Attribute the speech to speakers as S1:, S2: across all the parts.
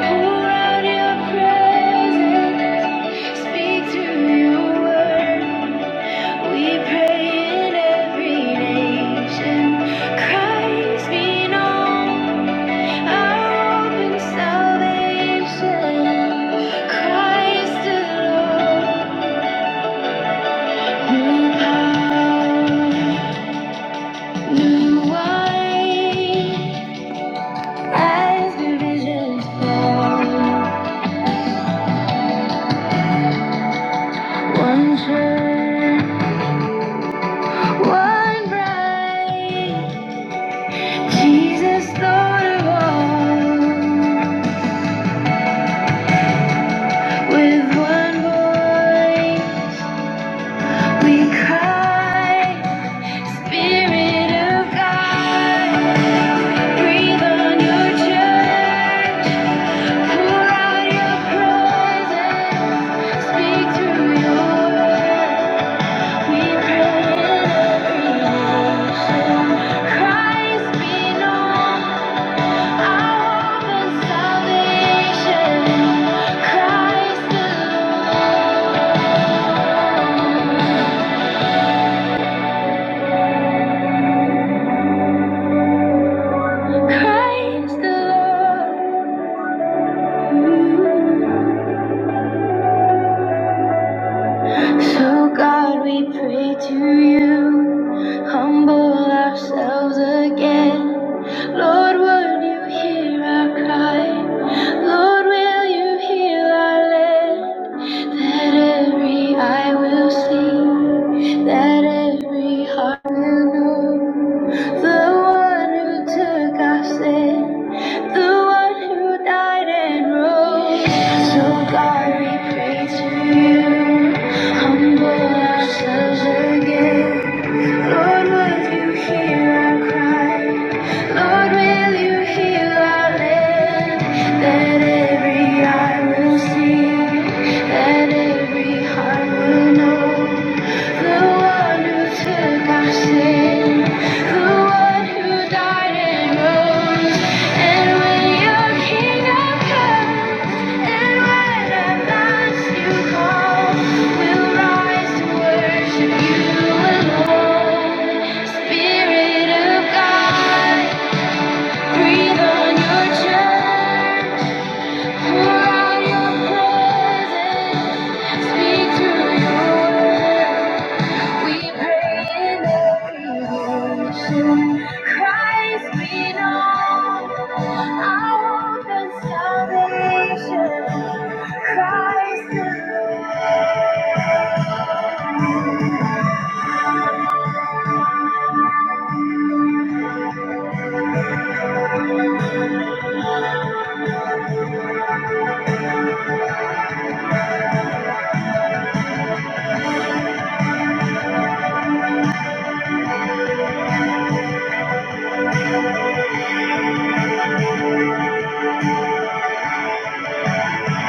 S1: Pour out your presence, speak through your word. We pray in every nation. Christ be known, our open salvation. Christ alone, new power, new wine, as the visions fall. One church. One bride, Jesus, Lord of all. With one voice, we cry, Spirit of God, breathe on your church, pour out your presence, speak through your word. We pray in every nation, Christ be known. Christ the Lord. So, God, we pray to you, humble ourselves again. Lord, would you hear our cry? Lord, will you heal our land? That every eye will see, that every heart will know the one who took our sin the one who died and rose. So God, we pray to you, humble ourselves again. Lord, will you hear our cry? Lord, will you heal our land? That every eye will see, that every heart will know the one who took our sin. Speak through your word. We pray in adoration. Christ be known, our hope and salvation. Christ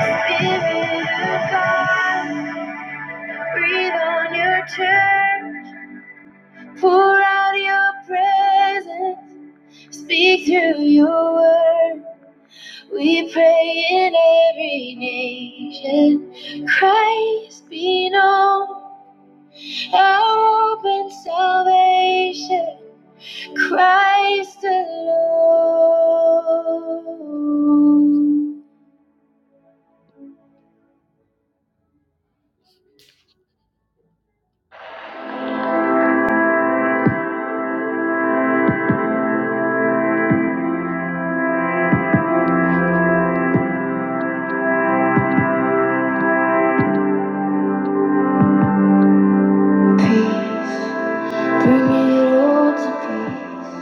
S1: the Spirit of God, breathe on your church, pour out your presence, speak through your word. We pray in every nation. Christ be known. Hope and salvation, Christ alone. Peace, bring it all to peace.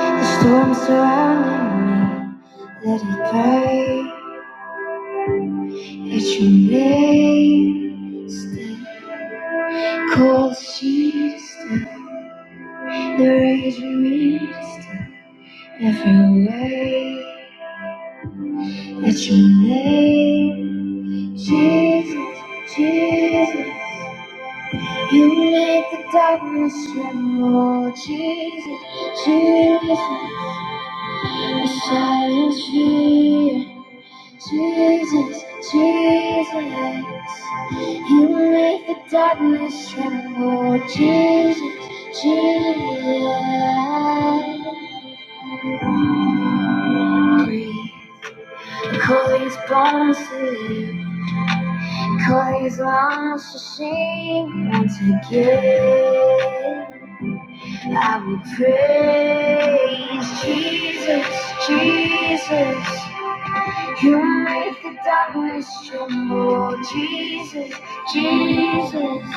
S1: The storm surrounding me, let it break. Let your name stand. Cold sheet to stand. The rage we meet to stand. Every way. At your name, Jesus, Jesus. You make the darkness tremble. Jesus, Jesus. The silence fear, Jesus, Jesus. You make the darkness tremble, Jesus, Jesus. Breathe, call these bones to live. Cause once you sing, once again, I will praise Jesus, Jesus. You make the darkness tremble, Jesus, Jesus.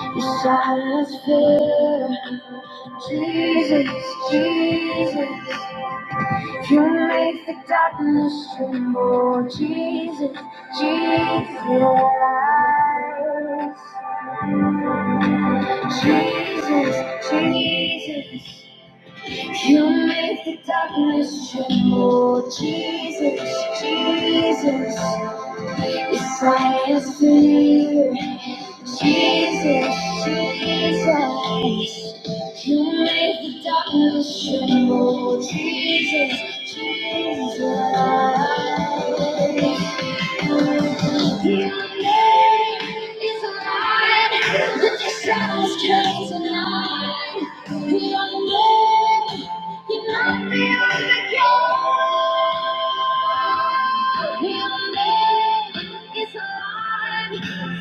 S1: Your silence fear, Jesus, Jesus. You make the darkness tremble, Jesus, Jesus, yes. Jesus, Jesus. You make the darkness tremble, Jesus, Jesus. It's my fear. Jesus, Jesus, you make the darkness tremble. Jesus, Jesus. Your name is alive.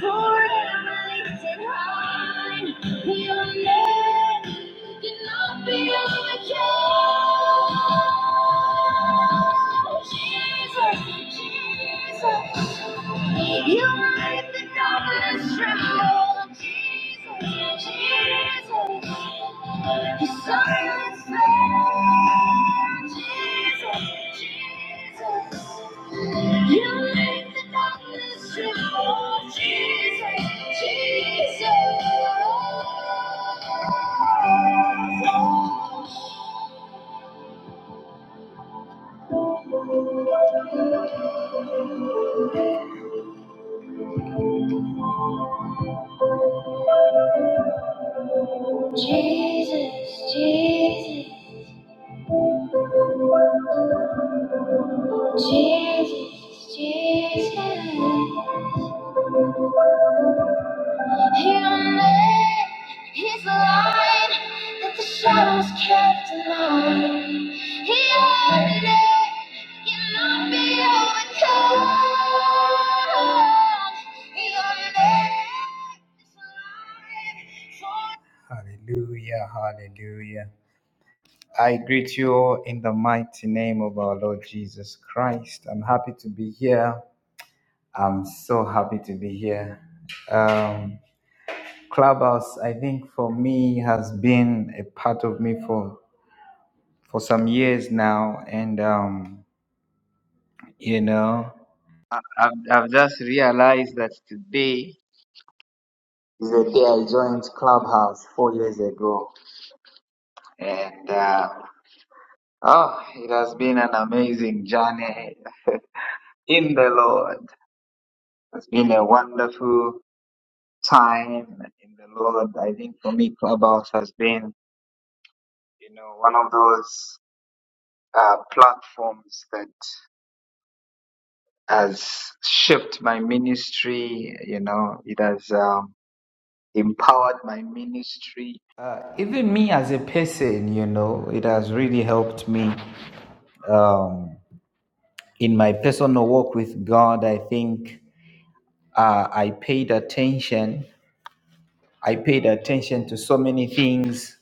S1: Forever. Jesus, Jesus. You make the darkness tremble, Jesus, Jesus. Your silence fear, Jesus, Jesus. You make the darkness tremble, Jesus, Jesus. Jesus, Jesus, Jesus, Jesus. He'll make his light that the shadows can't deny. He'll let you not be overcome. He'll make his light for- Hallelujah, hallelujah. I greet you all in the mighty name of our Lord Jesus Christ. I'm happy to be here. I'm so happy to be here. Um, Clubhouse, I think for me has been a part of me for for some years now, and um, you know, I've I've just realized that today is the day I joined Clubhouse four years ago, and uh, oh, it has been an amazing journey in the Lord. It's been a wonderful time in the Lord. I think for me, Clubhouse has been, you know, one of those uh, platforms that has shaped my ministry, you know, it has um, empowered my ministry. Uh, even me as a person, you know, it has really helped me um, in my personal walk with God. I think uh, I paid attention. I paid attention to so many things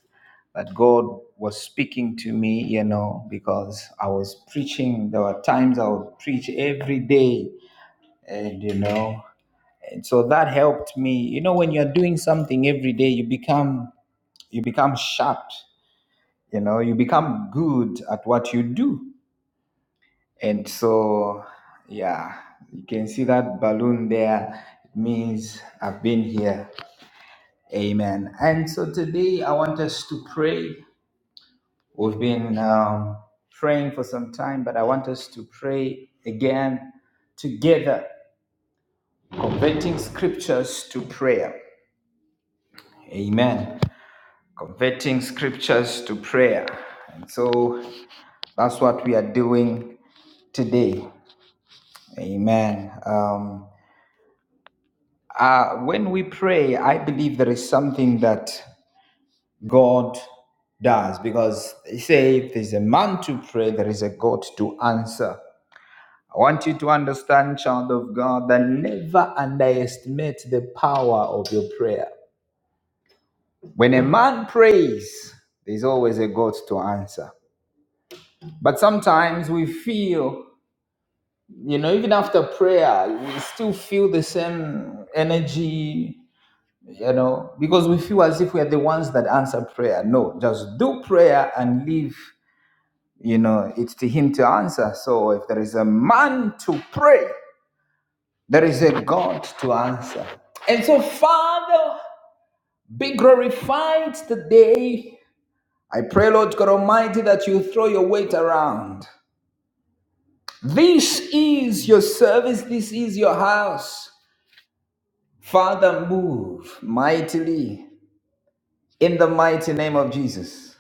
S1: that God was speaking to me, you know, because I was preaching. There were times I would preach every day, and you know, and so that helped me you know when you're doing something every day you become you become sharp you know you become good at what you do and so yeah you can see that balloon there it means i've been here amen and so today i want us to pray we've been um, praying for some time but i want us to pray again together converting scriptures to prayer amen converting scriptures to prayer. And so that's what we are doing today. Amen. Um, uh, when we pray, I believe there is something that God does because they say if there's a man to pray, there is a God to answer. I want you to understand, child of God, that never underestimate the power of your prayer. When a man prays, there's always a God to answer. But sometimes we feel you know even after prayer we still feel the same energy you know because we feel as if we are the ones that answer prayer no just do prayer and leave you know it's to him to answer so if there is a man to pray there is a god to answer and so father be glorified today i pray lord god almighty that you throw your weight around this is your service this is your house Father, move mightily in the mighty name of Jesus.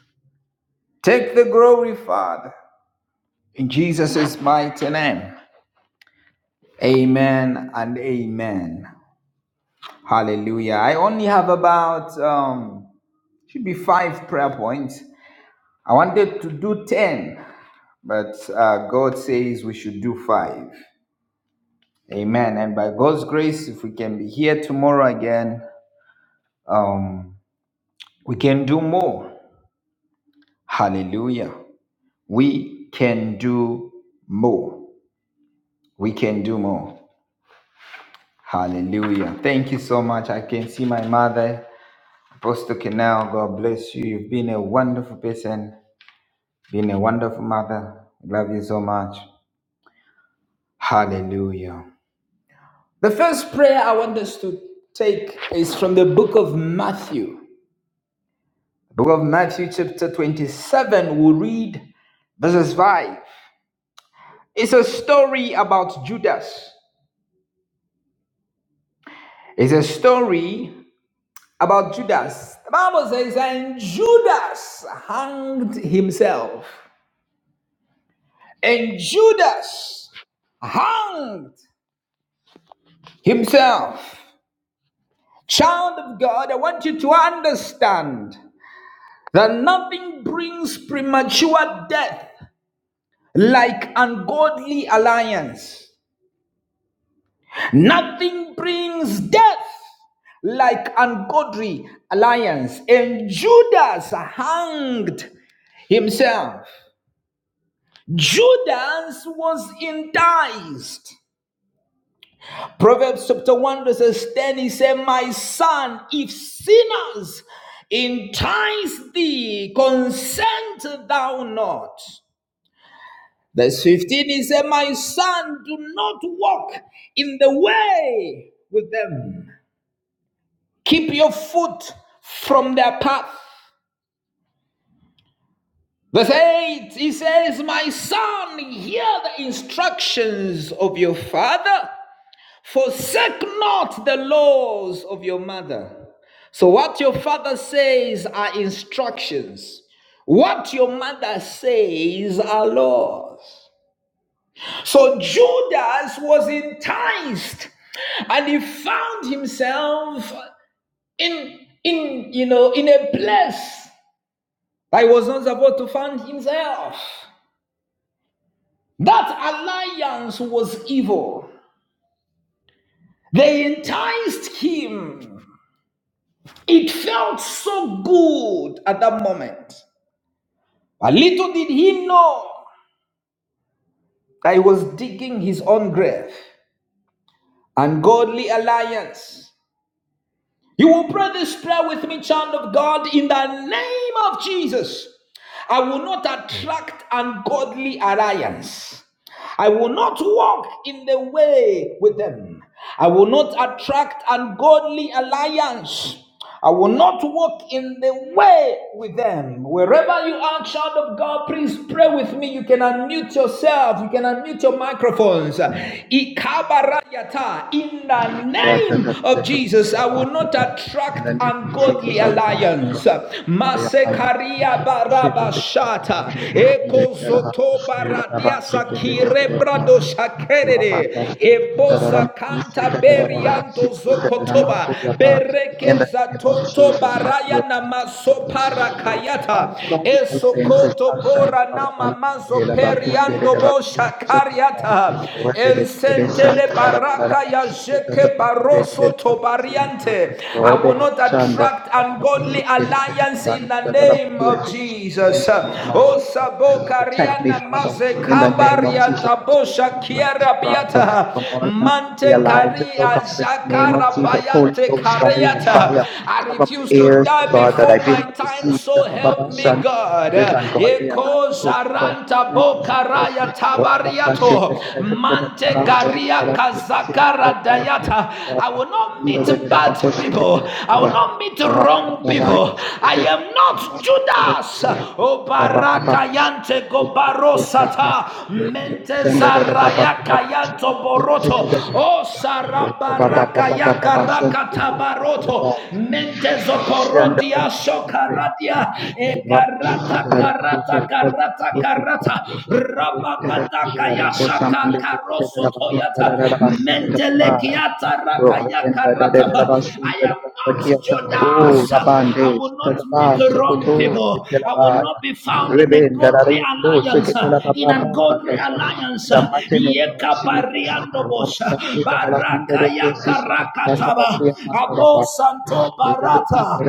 S1: Take the glory, Father, in Jesus' mighty name. Amen and amen. Hallelujah. I only have about, um, should be five prayer points. I wanted to do 10, but uh, God says we should do five. Amen. And by God's grace, if we can be here tomorrow again, um, we can do more. Hallelujah. we can do more. We can do more. Hallelujah. Thank you so much. I can see my mother, Apostle Canal. God bless you. You've been a wonderful person, been a wonderful mother. Love you so much. Hallelujah. The first prayer I want us to take is from the book of Matthew. Book of Matthew, chapter 27, we'll read verses 5. It's a story about Judas. It's a story about Judas. The Bible says, and Judas hanged himself. And Judas hanged himself. Child of God, I want you to understand that nothing brings premature death like ungodly alliance. Nothing brings death like ungodly alliance. And Judas hanged himself. Judas was enticed. Proverbs chapter 1, verses 10, he said, My son, if sinners entice thee, consent thou not. Verse 15, he said, My son, do not walk in the way with them. Keep your foot from their path. Verse 8, he says, My son, hear the instructions of your father Forsake not the laws of your mother. So, what your father says are instructions, what your mother says are laws. So, Judas was enticed and he found himself in, in, you know, in a place that he was not supposed to find himself. That alliance was evil. They enticed him It felt so good at that moment. But little did he know that he was digging his own grave. Ungodly alliance. You will pray this prayer with me, child of God, in the name of Jesus. I will not attract ungodly alliance. I will not walk in the way with them. I will not attract ungodly alliance. I will not walk in the way with them. Wherever you are, child of God, please pray with me. You can unmute yourself. You can unmute your microphones. Ikabarayata. In the name of Jesus, I will not attract ungodly alliance. Masekaria Rabarabashata eko Ekosoto baradiasa kirebrado shakerere. Ebosa kanta berianto zokotoba. Berekeza toto baraya namaso parakayata. Esokoto bora namamazo periando bo kariata Ensentele baraka ya jeke baroso tobariante. I will not attract ungodly alliance in the name of Jesus. Oh, Sabo Kariana Maze Kambarianta Bosha Kiara Biata Mante Karia Zakara Bayate Kariata. I refuse to die before my time, so help me, God. Eko Zaranta Bokaraya Tabariato Mante Garia Kazakara Dayata. I will not meet bad people. I will not meet wrong people. I am not Judas. O Barakayante Gobarosata. Mente Zaraya Kayanto Boroto. O Sarabarakaya Karakatabaroto. Mente Zokorodia Shokaradia. Egarata Karata Karata rata karata rabagada kayasha karoso toyata mentele kiata rakaya karata I am not Judas I will not meet the wrong people I will not be found in a godly alliance in a godly alliance yekapariando bosha baraka yakarakataba abo santo barata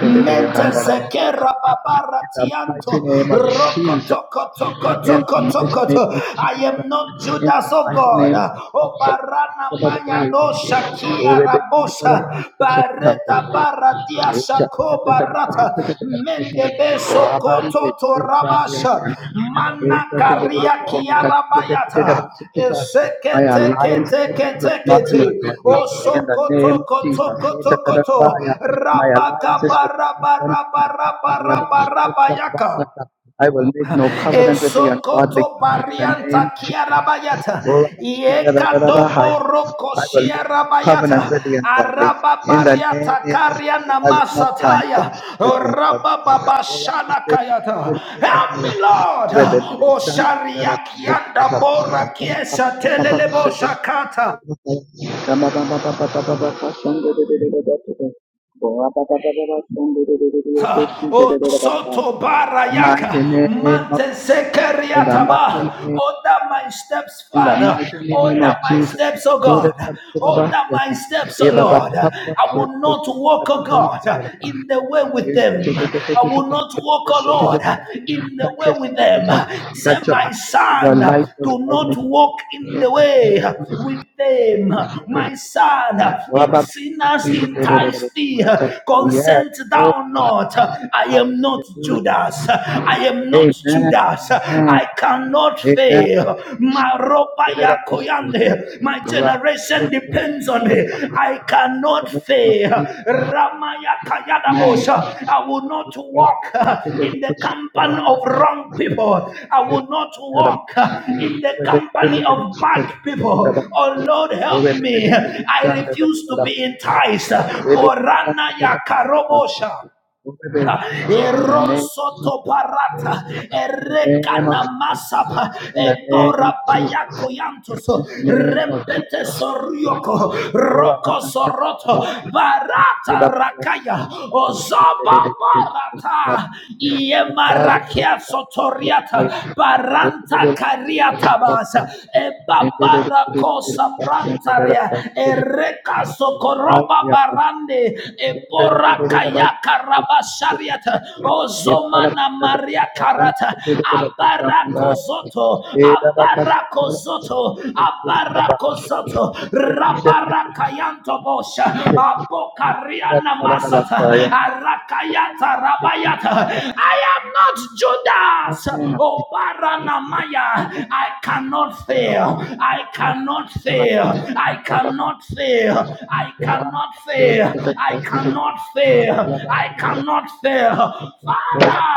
S1: Mente zekera babara tianto. Rokoto, Rokotokotokotokotokoto. I am not Judas, oh God. O barana maya no shakia rabosa. Bareta baratia shako barata. Men. Mende beso kototo rabasha. Mana karia kiara bayata. Esekete kete kete kete. Osokoto koto koto koto. Rabaka baraba raba raba raba raba yaka. Esokoto barianta kiarabayata. Yekadobo roko siarabayata. Arababariata kariana masataya. Rabababashalakayata. Help me, Lord. Oshariakianda bora kiesa telelebo shakata. O soto barayaka mantesekeriataba. Order my steps, Father. Order my steps, O God. Order my steps, O Lord. I will not walk, O God, in the way with them. I will not walk, O Lord, in the way with them. Say, my son, do not walk in the way with them. My son, if sinners entice thee, consent thou not not, I am not Judas. I am not Judas. I cannot fail. My ropa ya My generation depends on me. I cannot fail. Rama ya kayada I will not walk in the company of wrong people. I will not walk in the company of bad people. Oh Lord, help me. I refuse to be enticed. Porana ya karobosha. Erosoto barata, erekana masapa, ebora bayako yantos, rempete sorioko, roko soroto, barata rakaya, ozoba barata, iemarakia sotoriata, baranta kariata basa, ebabara kosa prantaria, ereka sokoroba barande, ebora kayaka karabashariata o zomana maria karata abarakozoto abarakozoto abarakozoto rabarakayanto bosha abokariana masata arakayata rabayata I am not Judas o baranamaya I cannot fail I cannot fail I cannot fail I cannot fail I cannot fail say, I cannot fail. Father,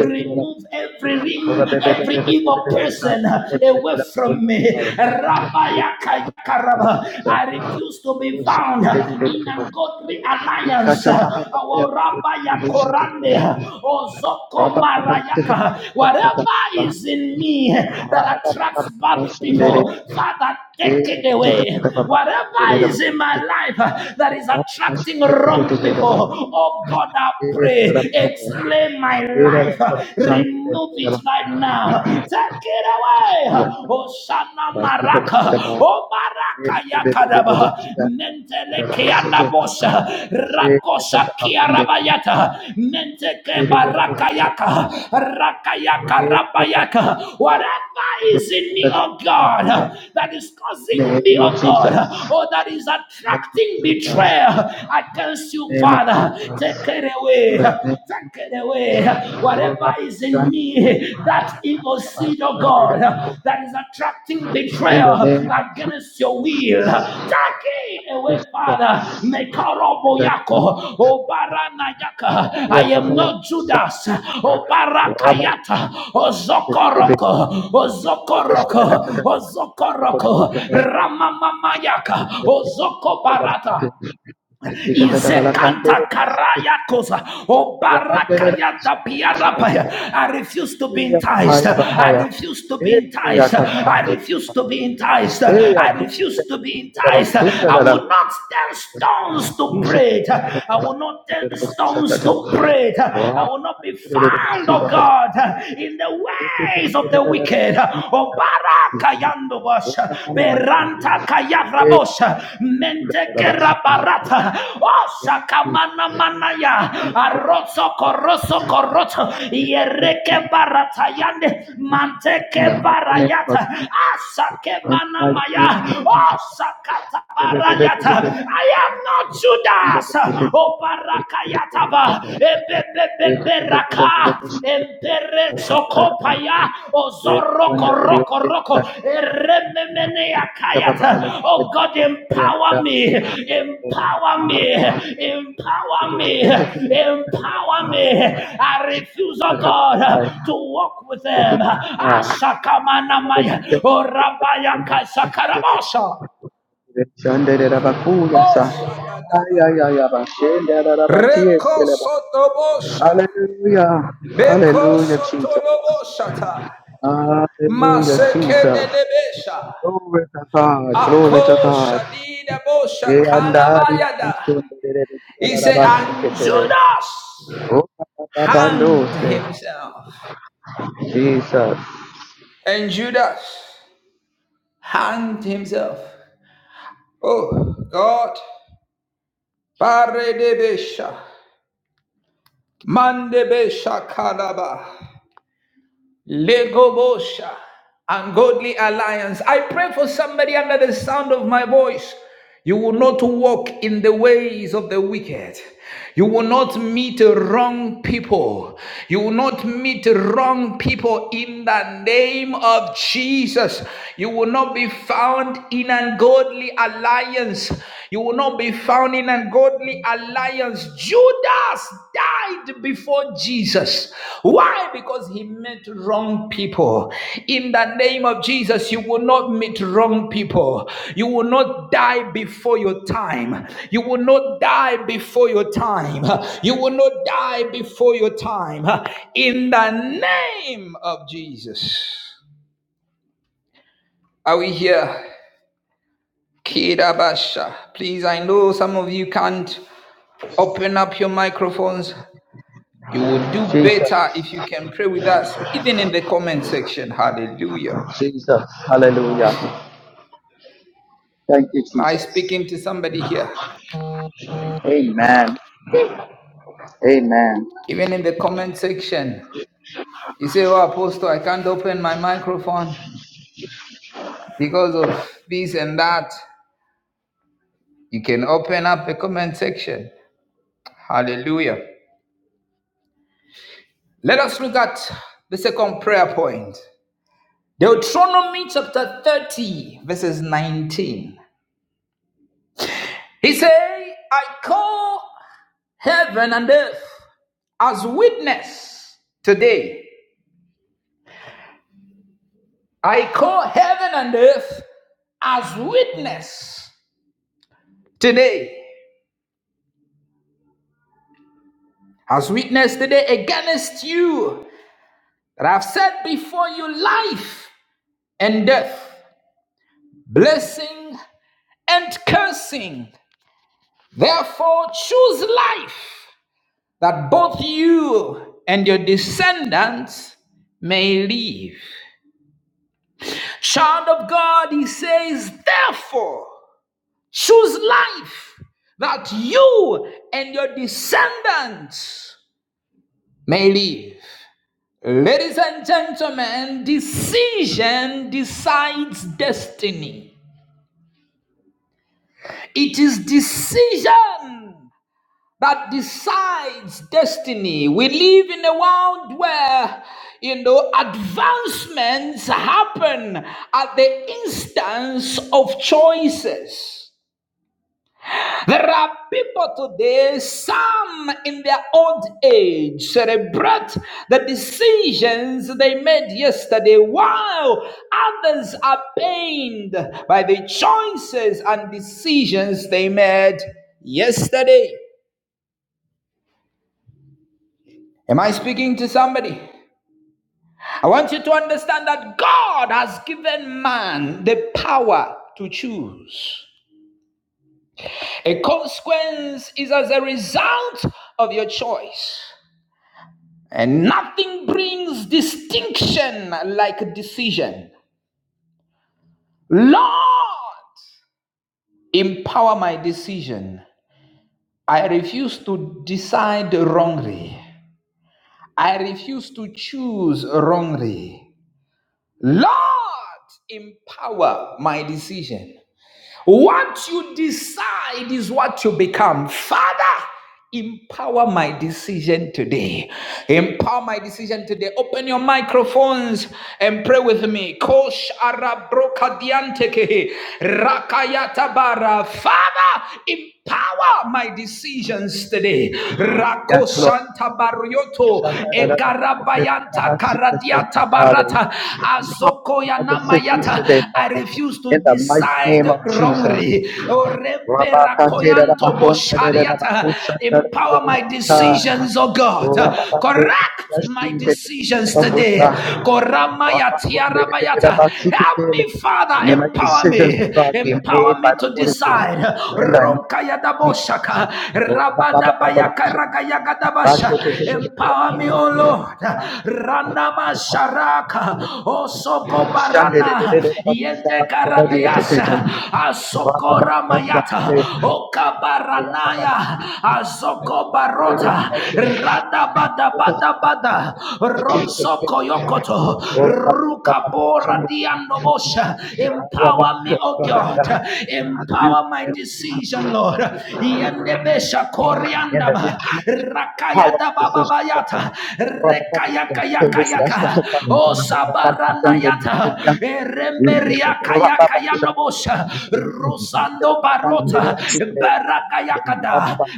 S1: remove every ring, every evil person away from me. Rabayakayakaraba. I refuse to be found in ungodly alliance. Our Rabayakorande, Ozoko Marayaka. Whatever is in me that attracts bad people, Father, take it away. Whatever is in my life that is attracting wrong strong people. Oh God, I pray, explain my life, remove it right now, take it away. Oh Shana Maraka, Oh Baraka Yakadaba, Mentele Kiana Bosha, Rakosha Kiarabayata, Menteke Baraka Yaka, Rakayaka Rabayaka, whatever is in me, oh God, that is causing me, oh God, oh that is attracting betrayal. I curse you, Father. Take it away. Take it away. Whatever is in me, that evil seed, oh God, that is attracting betrayal against your will. Take it away, Father. Mekaroboyako. Obaranayaka. I am not Judas. Obarakayata. Ozokoroko. Ozokoroko. Ozokoroko. Ramamamayaka. Ozokobarata. Izekanta karayakosa. Obarakayata piarapaya. I refuse to be enticed. I refuse to be enticed. I refuse to be enticed. I refuse to be enticed. I will not turn stones to bread. I will not turn stones to bread. I will not be found, oh God, in the ways of the wicked. Obarakayata Barakayandobos, Beranta Kayabrabos, Mentekerabarata, Osakamana Manaya, Arrozo Corroso Corroto, Yereke Baratayande, Manteke Barayata, Asake Manamaya, Osakata Barayata. I am not Judas, O Barakayataba, Bebebeberaka Emperezokopaya Ozoroko Roko Roko Erememenea Kayata. Oh God, empower me, empower me, empower me, empower me. I refuse, oh God, to walk with them. Ashakamanamaya Orabaya Kasakarabosha. Rekostobo sotolobo shata. Ekenelebesha. Ako shalida bo shakalabayada. He said, and Judas hanged himself. And Judas hanged himself. Oh God. Baredebesha. Mandebesha kalaba. Legobosha, ungodly alliance. I pray for somebody under the sound of my voice. You will not walk in the ways of the wicked. You will not meet wrong people. You will not meet wrong people in the name of Jesus. You will not be found in ungodly alliance. You will not be found in an ungodly alliance. Judas died before Jesus. Why? Because he met wrong people. In the name of Jesus, you will not meet wrong people. You will not die before your time. You will not die before your time. You will not die before your time. In the name of Jesus. Are we here? Kidabasha. Please, I know some of you can't Open up your microphones. You will do better if you can pray with us, even in the comment section. Hallelujah.
S2: Thank you,
S1: Am I
S2: Jesus.
S1: speaking to somebody here?
S2: Amen. Amen.
S1: Even in the comment section, you say, Oh, Apostle, I can't open my microphone because of this and that. You can open up the comment section. Hallelujah. Let us look at the second prayer point Deuteronomy chapter 30, verses 19. He said, I call heaven and earth as witness today. I call heaven and earth as witness today. As witness today against you that I've set before you life and death, blessing and cursing. Therefore, choose life that both you and your descendants may live. Child of God, he says, therefore. Choose life that you and your descendants may live. Ladies and gentlemen, decision decides destiny. It is decision that decides destiny. We live in a world where you know advancements happen at the instance of choices. There are people today, some in their old age, celebrate the decisions they made yesterday, while others are pained by the choices and decisions they made yesterday. Am I speaking to somebody? I want you to understand that God has given man the power to choose. A consequence is as a result of your choice. And nothing brings distinction like a decision. Lord, empower my decision. I refuse to decide wrongly. I refuse to choose wrongly. Lord, empower my decision. What you decide is what you become. Father, empower my decision today. Empower my decision today. Open your microphones and pray with me. Kosh arabroka diantekehe. Rakayata bara. Father, empower Power my decisions today. Rako Shanta Barioto Egarabayanta Karadiata Barata Azokoya Namayata. I refuse to decide wrongly. Oremperakoyanto Boshariata. Empower my decisions, oh God. Correct my decisions today. Koramaya tiarabayata. Help me, Father. Empower me. Empower me to decide. Empower me, O Lord. Randamasharaka. Osogobarana. Yendekaradeyasa. Asokoramayata. Okabaranaya. Azokobarota bada bada bada bada ronso koyokoto ruka bora diandobosha empower me oh God empower my decision Lord yendebesha koriandaba rakaya da baba bayata rekaya kaya kaya
S3: Thank
S1: o sabara nayata eremberia kaya kaya ndobosha rusando barota barakayakada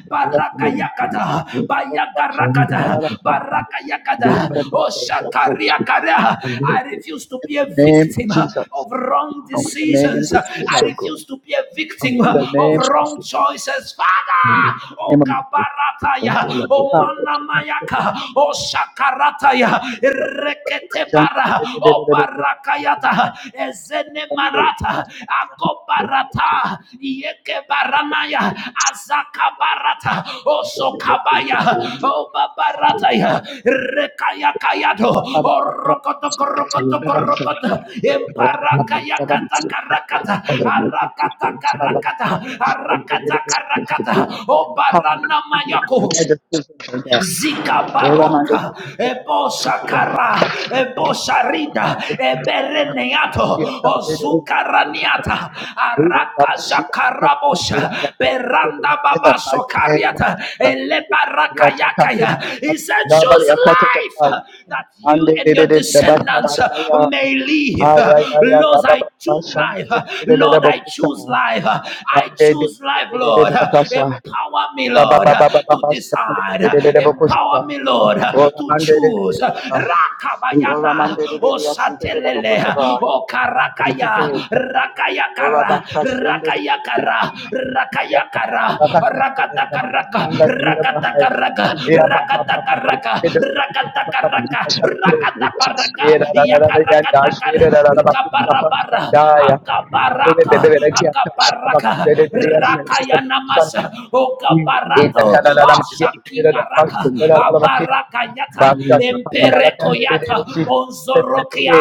S1: barakayakada bayakarakada barakayakada oh shakariakada I refuse to be a victim uh, of wrong decisions I refuse to be a victim uh, of wrong choices father oh kabarataya o manamayaka oh shakarataya reketebara O barakayata ezene marata akobarata yeke baranaya azakabarata osokabaya o babarata ya rekaya kayado orokoto korokoto korokoto embarakaya kata
S3: you.
S1: karakata
S3: I will make this
S1: arakata
S3: experience again.
S1: karakata
S3: I will make
S1: arakata
S3: this experience
S1: karakata
S3: again.
S1: o barana
S3: I will make
S1: mayako
S3: this
S1: Zika paronta, ebosha kara, ebosha rida, ebereneato, ozukaraniata,
S3: experience
S1: araka shakarabosha, beranda
S3: again. I
S1: babaso kariata,
S3: will
S1: elebarakayakaya. He said,
S3: make
S1: choose life uh, that you and your descendants uh, may live. Uh, Lord, I choose life. Uh, Lord, Lord, I choose life. I choose life, Lord. Empower me, Lord, to decide. Empower me, Lord, to choose. Rakabayana, Osatelele, Okarakaya,
S3: this experience
S1: Rakayakara, Rakayakara, Rakayakara, Rakatakaraka, Rakatakaraka, Rakatakaraka, Rakatakaraka. Yakaraka,
S3: again.
S1: Rakataparaka, Yakarakatakar, Rikaparapara, Akaparaka, Akaparaka,
S3: Yes,
S1: Rakayanamasa,
S3: you are going to
S1: Okaparato,
S3: the people for the
S1: Oshakingaraka,
S3: money. You
S1: Abarakayata, Emperekoyata, Onzorokia,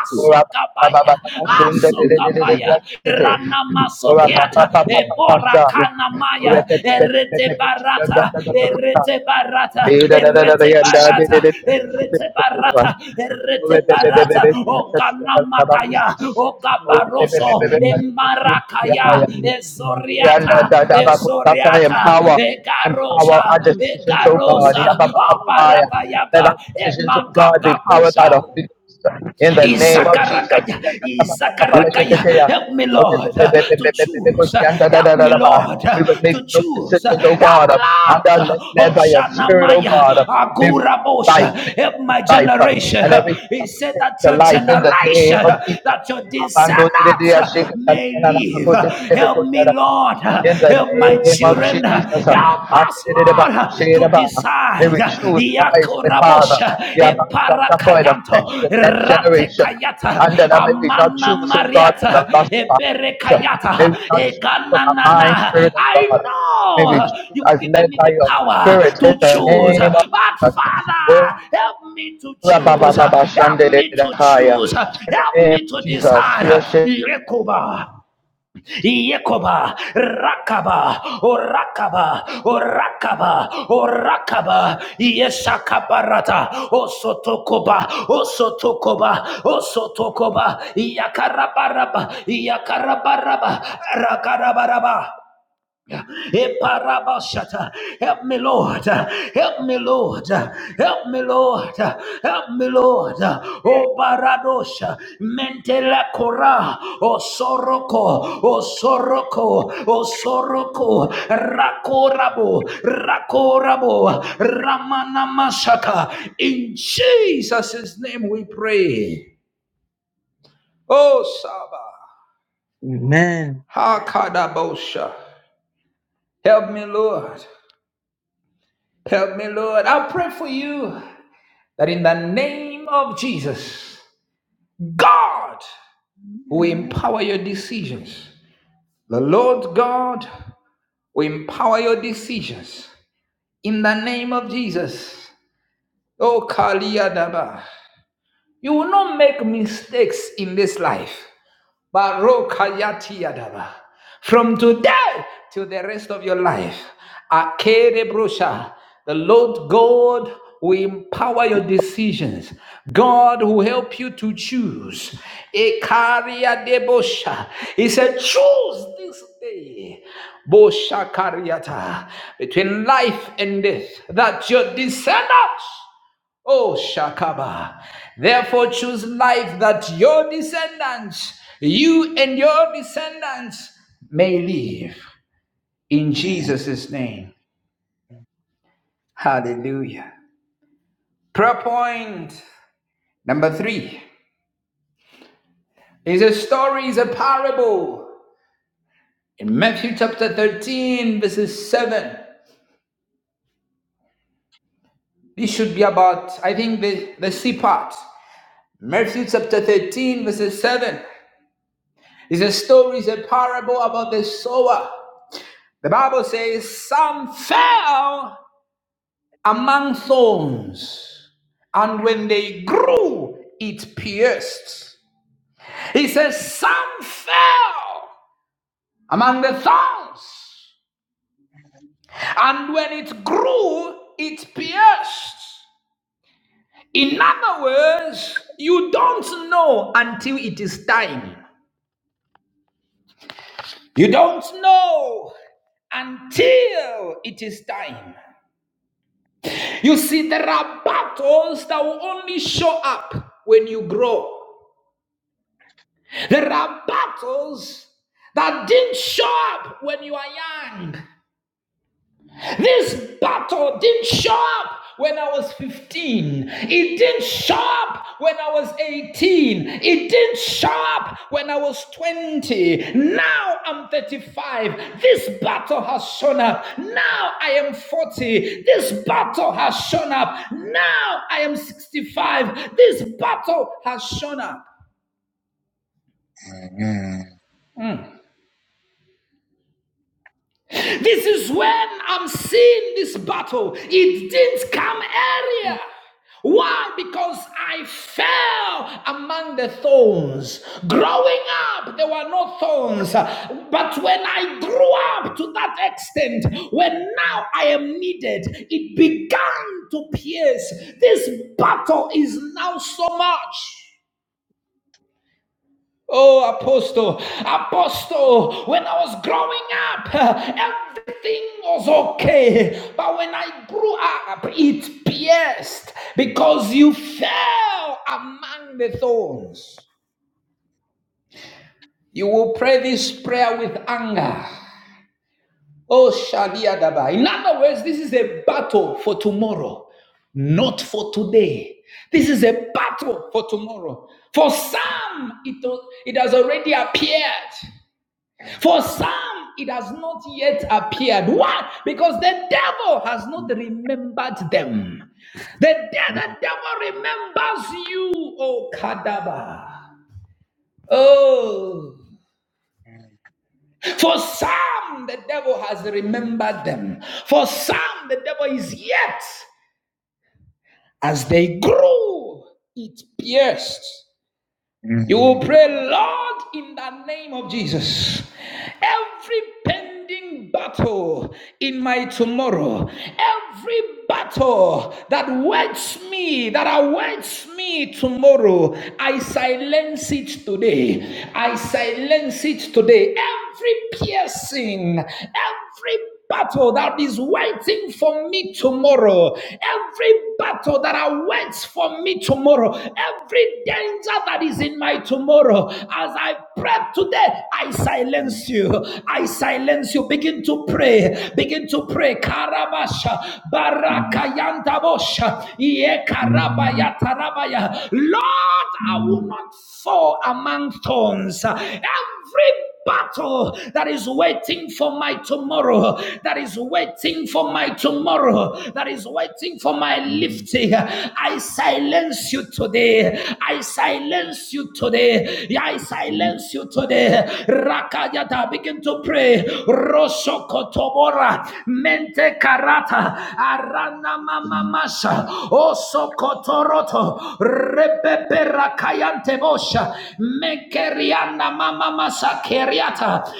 S1: Asokabaya, Asokabaya, Ranamasokiata, Ebora kanamaya. Erete barata. Erete
S4: Lord God, in the
S1: barata.
S4: name of
S1: Erete
S4: Jesus, empower
S1: barata.
S4: the decisions,
S1: Erete
S4: Father God.
S1: barata. Erete barata. O Okanamakaya. Okabaroso.
S3: are
S1: Emarakaya.
S3: going to do
S1: Ezoriata. Ezoriata. Ekarosa.
S4: Run, seek, let
S3: it.
S4: that
S1: Ekarosa.
S4: shun, the it,
S2: Let our
S1: Obarakayaga.
S2: decisions, oh God, be powered by
S1: Emakagabosha.
S2: the Holy Ghost. In the name of Jesus.
S1: Izakarakaya, Izakarakaya. Help me, Lord, uh, to choose. Uh,
S4: it, the
S1: Help me, Lord, uh,
S2: We will make
S1: to
S4: it.
S2: no
S1: choose.
S4: I am
S1: Uh,
S2: decisions,
S1: Help
S4: the
S2: oh
S4: Lord
S2: God,
S1: me, Lord.
S2: under
S1: Uh,
S2: led by your spirit, oh
S1: Agura
S2: God. May we choose life,
S1: Agurabosha.
S2: may we
S1: Help
S2: choose
S1: my
S2: life,
S1: generation.
S2: and
S1: Uh,
S2: every
S1: He
S2: step
S1: said
S2: pertains
S1: that
S2: to
S1: your
S2: life in the
S1: generation,
S2: name of
S1: uh,
S2: Jesus.
S1: that your descendants uh, may live. Uh, Help me, Lord. Uh,
S2: In the
S1: Help my
S2: name
S1: children. Uh, Help us,
S2: of
S1: Lord. uh, uh, to
S2: Jesus. May
S1: decide.
S2: we choose wisely, Father.
S1: Yakorabosha,
S2: Yeah, but God, that's it affects
S1: Eparakayanto,
S2: the next generation.
S1: Ratekayata,
S2: And then uh, may we not
S1: Amana
S2: choose, oh God, from
S1: Mariata,
S2: the lust
S1: e
S2: of our flesh. May we
S1: Eberekayata,
S2: not
S4: of
S2: choose from our mind,
S1: Egananana.
S2: spirit of
S4: the
S1: I
S2: God. May we
S1: know
S4: Universe.
S2: choose
S1: you've
S2: as
S1: given
S2: led
S1: me
S2: by
S1: the
S4: Thank you.
S2: your
S4: In the
S1: power
S2: spirit
S4: mighty
S1: to
S2: in
S4: name of
S2: the
S1: choose,
S2: name
S1: but
S2: of Jesus. Oh,
S1: Father, help me to
S2: Rabba, Ba,
S1: choose.
S2: Ba, Ba, Shande,
S1: Help
S2: De, De,
S1: me
S2: De,
S1: to
S2: Kaya.
S1: choose.
S2: In the
S1: Help
S2: name of
S1: me to
S2: Jesus,
S1: decide.
S2: here shall
S1: Yekoba. Yekoba, Rakaba, Orakaba, Orakaba, Orakaba, Yeshakabarata, Osotokoba, Osotokoba, Osotokoba, Yakarabaraba, Yakarabaraba, Rakarabaraba. Eparabashata. Help me, Lord. Help me, Lord. Help me, Lord. Help me, Lord. O Baradosha. Mentela Kora. O Soroko. O Soroko. O Soroko. Rakorabo. Rakorabo. Ramanamashaka. In Jesus' name we pray. Oh, Saba.
S3: Amen.
S1: Hakadabosha. Help me, Lord. Help me, Lord. I pray for you. that in the name of Jesus, God will empower your decisions. The Lord God will empower your decisions in the name of Jesus. Oh, Kaliyadaba. You will not make mistakes in this life. Barokayatiyadaba. From today to the rest of your life, Akerebrosha, the Lord God will empower your decisions. God will help you to choose. Ekariadebosha. He said, Choose this day Bosha Kariata, between life and death, that your descendants Oh, Shakaba. Therefore, choose life that your descendants, you and your descendants, may live in Jesus' name. Hallelujah. Prayer point number three is a story, is a parable. In Matthew chapter 13, verses 7, this should be about, I think, the, the C part. Matthew chapter 13, verses 7 is a story, is a parable about the sower The Bible says some fell among thorns, and when they grew, it pierced. He says some fell among the thorns, and when it grew, it pierced. In other words, you don't know until it is time. You don't know until it is time. You see, there are battles that will only show up when you grow. There are battles that didn't show up when you are young. This battle didn't show up when I was 15. It didn't show up when I was 18. It didn't show up when I was 20. Now I'm 35. This battle has shown up. Now I am 40. This battle has shown up. Now I am 65. This battle has shown up. This is when I'm seeing this battle. It didn't come earlier. Why? Because I fell among the thorns. Growing up, there were no thorns. But when I grew up to that extent, when now I am needed, it began to pierce. This battle is now so much. Oh, Apostle, Apostle, when I was growing up, everything was okay. But when I grew up, it pierced because you fell among the thorns. You will pray this prayer with anger. Oh, Shadia Daba. In other words, this is a battle for tomorrow not for today. This is a battle for tomorrow. For some, it, it has already appeared. For some, it has not yet appeared. Why? Because the devil has not remembered them. The, de- the devil remembers you, O Kadaba. Oh, for some, the devil has remembered them. For some, the devil is yet, as they grew, it pierced You will pray, Lord, in the name of Jesus. Every pending battle in my tomorrow, every battle that waits me, that awaits me tomorrow, I silence it today. I silence it today. Every piercing, every battle that is waiting for me tomorrow, every battle that awaits for me tomorrow, every danger that is in my tomorrow, as I pray today, I silence you. I silence you. Begin to pray. Begin to pray. Karabasha, barakayantabosha, ye karabaya tarabaya. Lord, I will not fall among thorns. Every battle that is waiting for my tomorrow, that is waiting for my tomorrow, that is waiting for my lifting. I silence you today. I silence you today. Yeah, I silence you today. Rakayata, begin to pray. Rosokotobora, mente
S4: Jesus.
S1: karata, arana mama masha, osokotoroto,
S4: We have
S1: repepe
S4: been
S1: rakayante bosha,
S4: would voice
S1: mekeriana
S4: speaking
S1: mama
S4: against me,
S1: masake
S4: speaking
S1: Eriata,
S4: against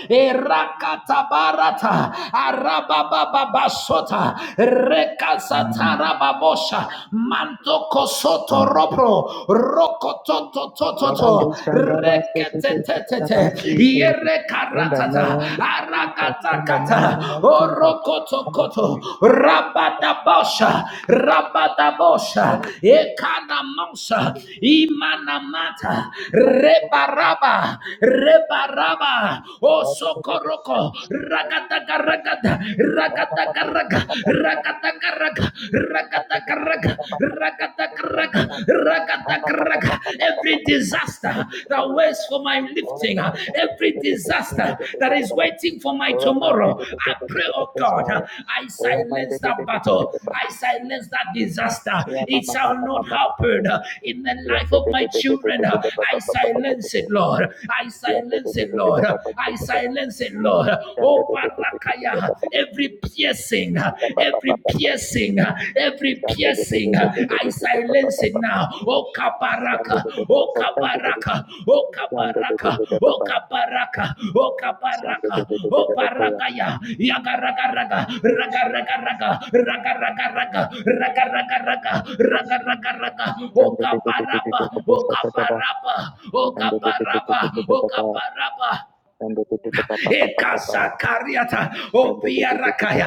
S4: me.
S1: Erakata
S4: I
S1: Barata,
S4: stand with the name of Jesus.
S1: Arabababasota, Rekasatara
S4: Rakshakatalabaka,
S1: Babosha,
S4: Katalabaka,
S1: mantoko
S4: Shakatalabaka,
S1: soto
S4: Rubare,
S1: Ropro,
S4: Shiri,
S1: Rokototo Tototo,
S4: Rushakatalabaka, Shiri,
S1: Reketetete, Yerekaratata,
S4: Every great speaker that is
S1: Arakatakata,
S4: against me, even against my
S1: Orokotokoto,
S4: daughter's
S1: Rabadabosha,
S4: even against the plans of God, not for
S1: Rabadabosha,
S4: me, not for me.
S1: Ekanamosa,
S4: Speaking against my business, Thank
S1: Imanamata, Rebaraba, Rebaraba, Raba, O Sokoroko, Ragataka Ragata, Ragataka Raga, Ragataka Raga, Ragataka Raga, Ragataka Raga, Ragataka Raga, every disaster that
S4: you.
S1: waits for my lifting, uh, every disaster that is waiting for my tomorrow, I pray, oh God, uh, I silence that battle, I silence
S4: I'm
S1: that
S4: just gonna go
S1: disaster. It shall
S4: ahead
S1: not happen uh, in the life of my children. uh, I silence it, Lord. I silence it, Lord. Lord. I silence it, Lord. Oh, Barakaya, every piercing, every piercing, every
S4: and
S1: piercing,
S4: take a
S1: I
S4: deep breath.
S1: silence it now. Oh,
S4: Bitch, it's such a
S1: Kabaraka,
S4: bad
S1: oh,
S4: shit. You can do this,
S1: Kabaraka, oh,
S4: you can get your
S1: Kabaraka,
S4: house and
S1: oh,
S4: all of that. I
S1: Kabaraka,
S4: think I
S1: oh,
S4: can let that
S1: Kabaraka,
S4: shit go.
S1: oh, Barakaya, Yagaragaraga,
S4: Really, Jesus.
S1: Ragaragaraga, Ragaragaraga, Ragaragaraga, Ragaragaraga, oh, Kabaraba, oh, Kabaraba, oh, Kabaraba, oh, Kabaraba.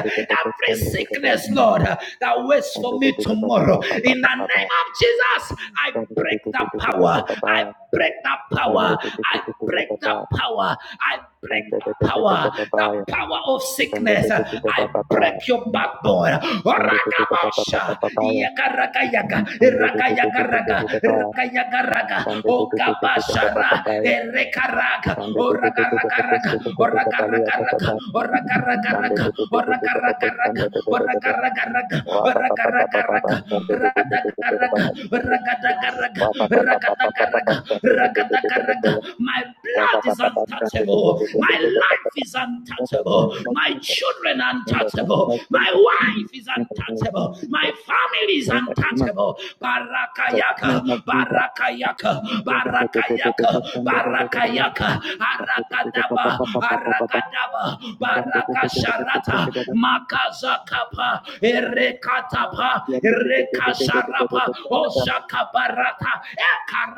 S1: Every sickness, Lord, uh, that waits for me tomorrow. In the name of Jesus, I break that power. I break that power. I break that power. I break that power. That power of sickness. uh, I break your backbone. Ragabosha. yaga raga yaga. Raga yaga raga, raga. Yakayagaraga, Okabashara, Erekaraga, Oragaragaraga, Oragaragaraga, Oragaragaraga, Oragaragaraga, Oragaragaraga, Oragaragaraga, Radagaraga,
S4: Last of
S1: Ragadagaraga,
S4: all, we have
S1: Ragadagaraga, Ragadagaraga. My blood is untouchable. My life is untouchable. My children are untouchable. My wife life is untouchable. My
S4: the.
S1: family is untouchable. Barakayaka, barakayaka, barakayaka, barakayaka, aragadaba, aragadaba, barakasharata, makazakapa, erekatapa, erekasharapa, oshakabarata,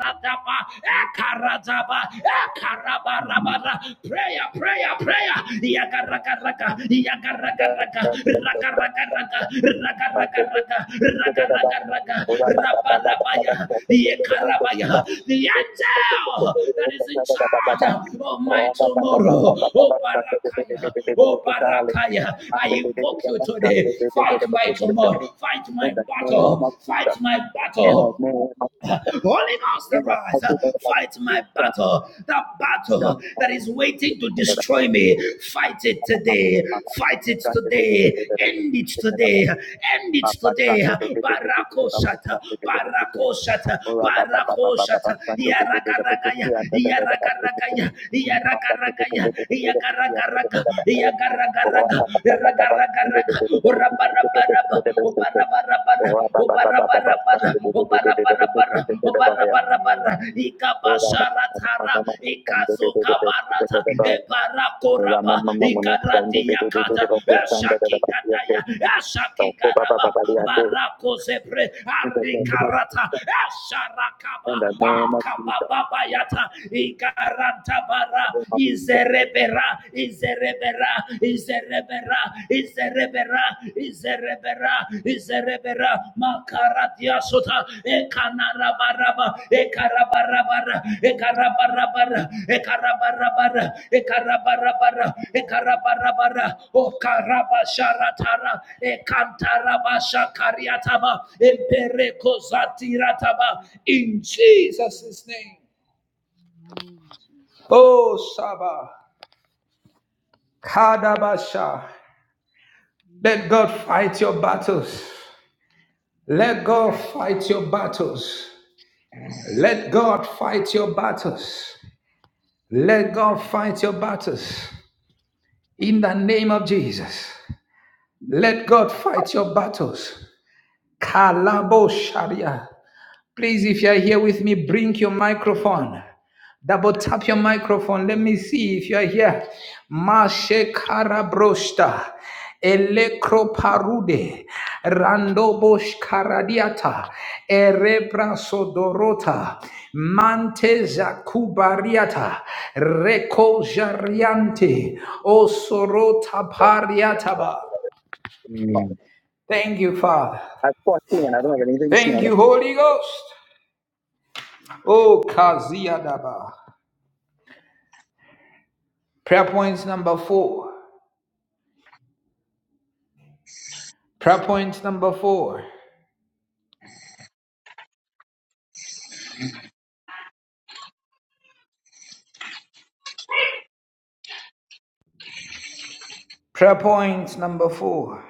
S4: Thank you
S1: ekaradaba, ekarabaraba, Prayer, prayer, prayer. Yaga raga raga, yaga raga raga, raga raga raga, raga raga raga, raga raga raga, raba rabaya, yekarabaya. The angel that is in charge of my tomorrow. Oh barakaya, oh barakaya. I invoke you today. Fight my tomorrow. Fight my battle. Fight my battle. Holy Ghost,
S4: you.
S1: arise. Fight my battle. That battle that is waiting to destroy me. Fight it today. Fight it today. End it today. End it today. Barakoshata. Barakoshata. Barakoshata. Yaragaragaya. Yaragaragaya. Yaragaragaya. Yagaragaraga. Yagaragaraga. Ragaragaraga. Rabarabar.
S4: Name of
S1: Ikabasharatara, Ikazukabarata, Ebarakoraba, Ikaradiakata, Eshakikataya, Eshakikaraba, Barakozepre, Arikarata, Esharakaba, Akabababayata, Ikarantabara, Izerebera, Izerebera, Izerebera, Izerebera, Izerebera, Izerebera, Makaratia Sota, Ekanarabaraba, Ekarabarabara, Ekarabarabara, Ekarabarabara, Ekarabarabara, Ekarabarabara, O Karabasharatara, Ekantarabasha Kariataba, Empereko Zatirataba, in Jesus' name.
S4: Jesus.
S1: Oh, Saba, Kadabasha. Let God
S4: Amen,
S1: fight
S4: Jesus.
S1: your battles. Let God fight your battles. Let God fight your battles. Let God fight your battles. In the name of Jesus. Let God fight your battles. Kalabo Sharia. Please, if you're here with me, bring your microphone. Double tap your microphone. Let me see if you're here. Mashe karabroshta. Elekroparude. Randobosh karadiata. Erebra sodorota. Mante zakubariata. Reko jariante. Osorota pariataba. Thank you, Father. Thank you, Holy Ghost. Oh, Kaziadaba. Prayer points number four. Prayer point number four. Prayer point number four.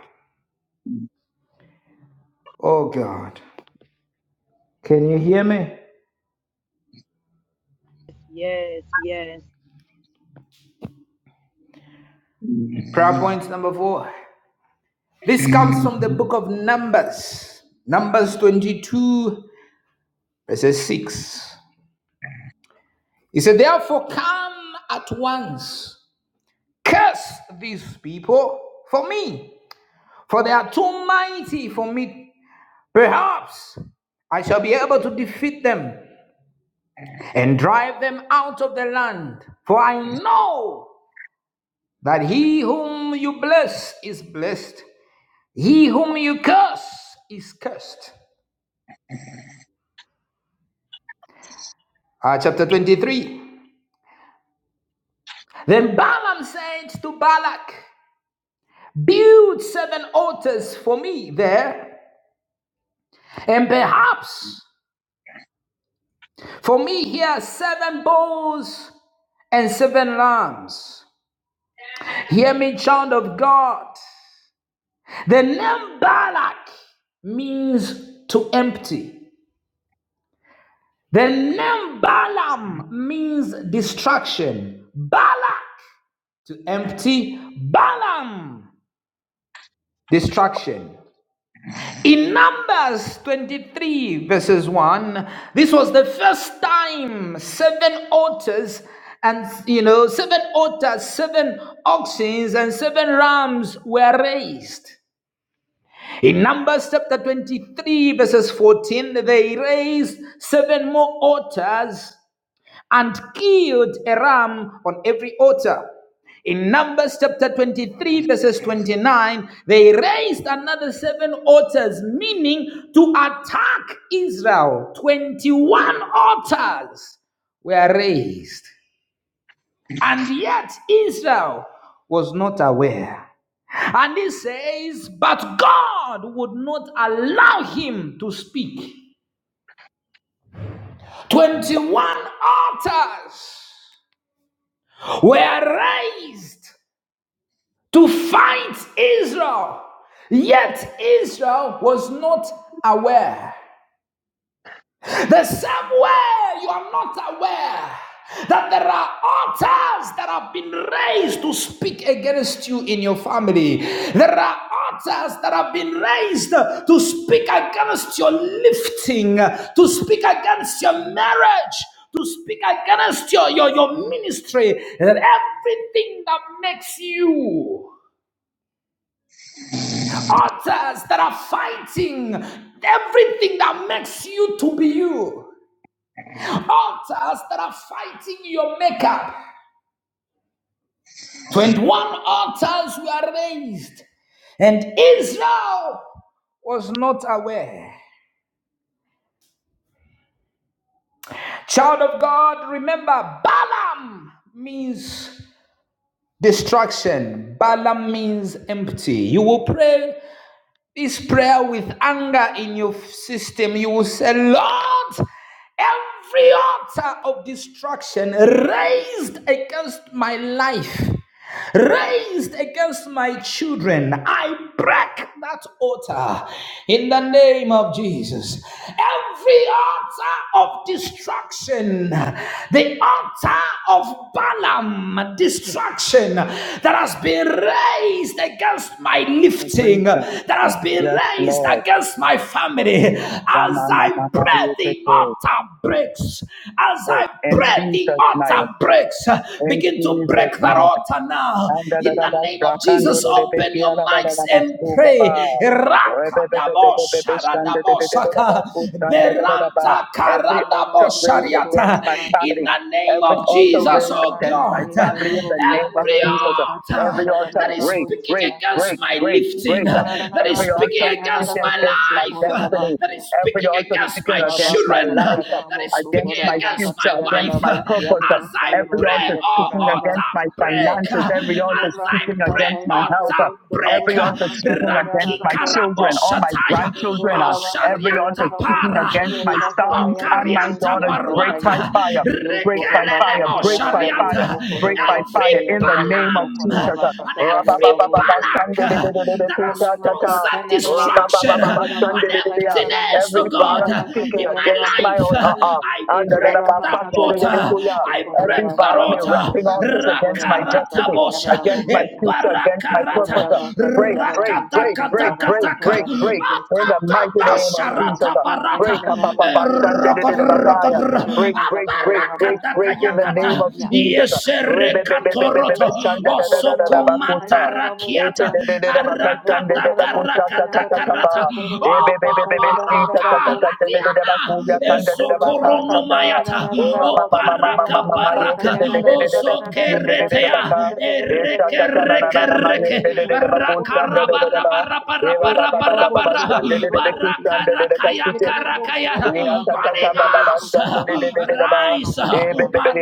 S1: Oh God. Can you hear me?
S4: Yes, yes.
S1: Prayer point number four. This comes from the book of Numbers, Numbers 22, verses 6. He said, Therefore, come at once, curse these people for me, for they are too mighty for me. Perhaps I shall be able to defeat them. and drive them out of the land. For I know that he whom you bless is blessed, he whom you curse is cursed. Uh, chapter 23. Then Balaam said to Balak, Build seven altars for me there, and perhaps for me here seven bulls and seven lambs. Hear me, child of God. The name Balak means to empty. The name Balaam means destruction. Balak to empty. Balaam, destruction. In Numbers 23, verses 1, this was the first time seven altars and you know seven altars seven oxen and seven rams were raised in numbers chapter 23 verses 14 they raised seven more altars and killed a ram on every altar. In Numbers chapter 23, verses 29, they raised another seven altars, meaning to attack Israel. 21 altars were raised, and yet Israel was not aware. And he says, But God would not allow him to speak. 21 altars were raised to fight Israel. Yet Israel was not aware. The same way you are not aware that there are altars that have been raised to speak against you in your family. There are altars that have been raised to speak against your lifting, to speak against your marriage, to speak against your, your, your ministry, and everything that makes you. altars that are fighting everything that makes you to be you, altars that are fighting your makeup. 21 altars were raised, and Israel was not aware. Child of God, remember Balaam means destruction, Balaam means empty. You will pray This prayer with anger in your system, you will say, Lord, every altar of destruction raised against my life, raised against my children, I break that altar in the name of Jesus. Every altar of destruction, the altar of Balaam, destruction that has been raised against my lifting, that has been raised against my family. As I pray, the altar breaks. As
S2: break.
S1: I
S2: In
S1: pray,
S2: Jesus'
S1: the altar
S2: name,
S1: breaks.
S2: in
S1: Begin to
S2: Jesus'
S1: break that
S2: name.
S1: altar now.
S2: And da da
S1: In
S2: da
S1: the
S2: ba,
S1: name of
S2: Shakando,
S1: Jesus,
S2: De, De, De,
S1: open your
S2: Kia, La, La, La,
S1: mics
S2: La,
S1: and
S2: Masu, Ba, Ba.
S1: pray.
S2: Every altar
S1: Rakadabosharadabosaka. Beranta
S5: Thank
S1: karadabo
S2: raised against my
S1: in
S2: family,
S1: the name
S2: every
S1: of
S2: altar
S1: Jesus,
S2: raised
S1: oh
S2: against my
S1: God,
S4: in
S1: every
S4: the
S2: family in
S4: name
S2: the
S4: of
S2: name of
S4: Jesus.
S2: Jesus.
S1: altar
S2: Every altar
S1: that
S4: Every
S1: is
S2: break,
S1: speaking
S2: break,
S4: altar,
S1: against
S2: break,
S1: my
S4: every
S2: break,
S4: evil
S1: lifting,
S2: break up.
S1: that
S4: altar,
S1: is
S2: Every
S4: in
S1: speaking
S2: altar
S4: the
S1: against
S4: name
S2: speaking
S4: of
S1: my
S2: against my
S4: Jesus, that's
S1: life,
S2: destiny,
S4: coming
S1: that is
S4: against my
S2: every
S1: speaking
S2: altar
S1: against
S4: living.
S2: speaking
S1: my
S2: against
S4: that's
S2: my
S1: children,
S4: coming against
S2: life,
S1: that is
S4: my life,
S1: speaking
S2: against my
S4: Father.
S1: against
S2: future,
S1: my
S4: I
S2: against
S1: wife,
S2: my
S4: have my
S2: purpose.
S1: as
S4: heart,
S1: I
S4: my
S2: Every
S1: pray,
S2: altar
S1: oh
S4: boss,
S2: speaking against
S4: and I
S1: altar
S2: my
S4: have
S1: break, as
S2: finances,
S4: my
S2: every altar
S4: spirit, I
S1: I
S2: speaking
S1: pray,
S4: have
S2: against my
S4: my
S2: health,
S1: altar
S4: soul, and I have
S1: break
S2: Every altar speaking against
S1: raki
S2: my
S5: you.
S2: children or my
S4: my
S1: karaboshataya
S4: spirit.
S2: grandchildren, uh,
S5: Ikorarabasa
S2: every altar
S1: osharianta
S2: speaking
S1: para
S5: tayararabosu,
S2: against my
S4: Yes, you
S5: korarabasa
S2: sons and my
S5: tayararabosu,
S1: abokarianta
S2: daughters, break by
S5: yarabasaye.
S1: baruata
S2: fire, break by
S5: Yokorabasa
S2: fire,
S1: rekelelebo
S2: break by fire,
S4: are
S1: sharianta
S5: tayararabosu,
S2: break by
S4: entirety
S5: korarabasa
S4: of
S1: every
S2: fire
S4: the
S2: in the
S4: demonic
S2: name
S5: tayararabosu,
S2: of
S1: balam
S2: Jesus.
S4: waters.
S2: uh.
S5: korarabasa
S1: and
S4: I set
S1: every
S4: the
S5: tayararabosu,
S4: fire of
S5: ya.
S4: God
S1: balak
S4: to be the
S1: that has
S4: demonic
S5: Ikorabasa
S1: sponsored
S4: altar.
S5: tayararabosu,
S1: destruction and
S5: korarabasa
S2: uh.
S1: emptiness
S5: tayararabosu,
S2: Every
S1: oh God
S2: balance
S5: korarabasa
S2: speaking
S1: in my
S2: against
S5: tayararabosu,
S2: my
S1: life
S5: ya.
S2: altar,
S4: Oh, I
S2: uh,
S4: lift
S1: I
S4: the
S2: and
S1: break
S4: angels to
S1: the
S4: tear
S5: Ekorabasa
S4: down every
S1: altar.
S5: tayararabosu,
S4: demonic
S1: I
S2: every
S1: break
S4: altar.
S5: korarabasa
S1: the
S2: balance
S1: altar.
S2: erecting altars
S5: yarabasaye,
S2: against my
S5: korarabasa
S4: Speak
S1: Rakarata
S4: it
S2: destiny
S4: against
S1: bosha.
S4: my
S2: against
S5: tayararabosu,
S2: my
S5: ya.
S4: fire.
S2: future, against my
S4: Speaking
S2: purpose
S1: Ebarakarata.
S4: against my
S5: Ekorarabasata
S2: break,
S4: future.
S2: break,
S5: yararabuso
S2: break, break, break,
S4: Ricky,
S5: korarabasata
S4: I
S1: Rakatakataka.
S2: break,
S4: know
S2: break.
S4: about
S2: In
S5: yarerereresi.
S2: the
S4: you
S2: mighty
S4: for
S1: Akatata
S4: Ricky.
S2: name of
S4: In the
S2: Jesus,
S1: sharata
S2: uh,
S5: Yokorarabasata
S2: break,
S1: barata.
S2: uh, pa-
S4: mighty name
S2: pa- pa-
S5: yararabusi
S2: san- de- de- de-
S5: yarabasa
S2: de-
S5: yarosi
S4: of
S2: bakaya.
S4: Jesus.
S1: Erokodrokodro.
S2: break, break,
S5: yokorarabasata
S2: break, break,
S5: yararabuso
S1: Abarakataka
S2: break. In the name
S1: yakata.
S2: of
S5: korarabasiya.
S2: Jesus, uh, re- be- be- be- be- be- be- be-
S1: Yeserekatoroto.
S5: Ikerereresi
S2: san- da- da- da- da- da- da-
S5: ikorarabasata
S2: bakusa. Ete-
S5: yararabusiya.
S1: Osokomatarakiata.
S2: de- de- de- de- baka- san- de- de-
S1: Arakataka
S2: bakusa,
S5: Yokorarabasata
S2: ta- ta- ta- ta- pa.
S5: yararabuso
S1: rakatakarata.
S2: E- be- be- be-
S5: korarabasata
S2: be- be- si, ta- ta- ta-
S1: Obabaraka
S2: ta- de- de-
S5: yarararabusiya.
S2: de- de- bakuya,
S1: ratiana.
S2: san- de- de- de-
S5: Ikorobo
S2: baka, sa-
S4: Yes,
S2: ta.
S1: Ezokoronomayata.
S2: Ora
S1: O
S2: ma- ma- ma- ma- ma- ma-
S1: baraka
S2: ma- ma, ete-
S1: baraka.
S2: de- de- de-
S1: O
S2: de- de- si, si, de- de- de- de-
S1: sokeretea.
S2: baka.
S1: Ereke reke
S4: I
S1: reke.
S4: in the mighty
S1: Rakaraba
S4: name of
S1: raba raba raba raba
S4: Jesus.
S1: raba raba.
S4: Every altar
S1: rakaya
S2: Eva
S4: speaking against
S1: karakaya.
S4: my
S2: Break
S4: destiny,
S1: Holy Ghost.
S4: speaking against my future,
S1: Rise.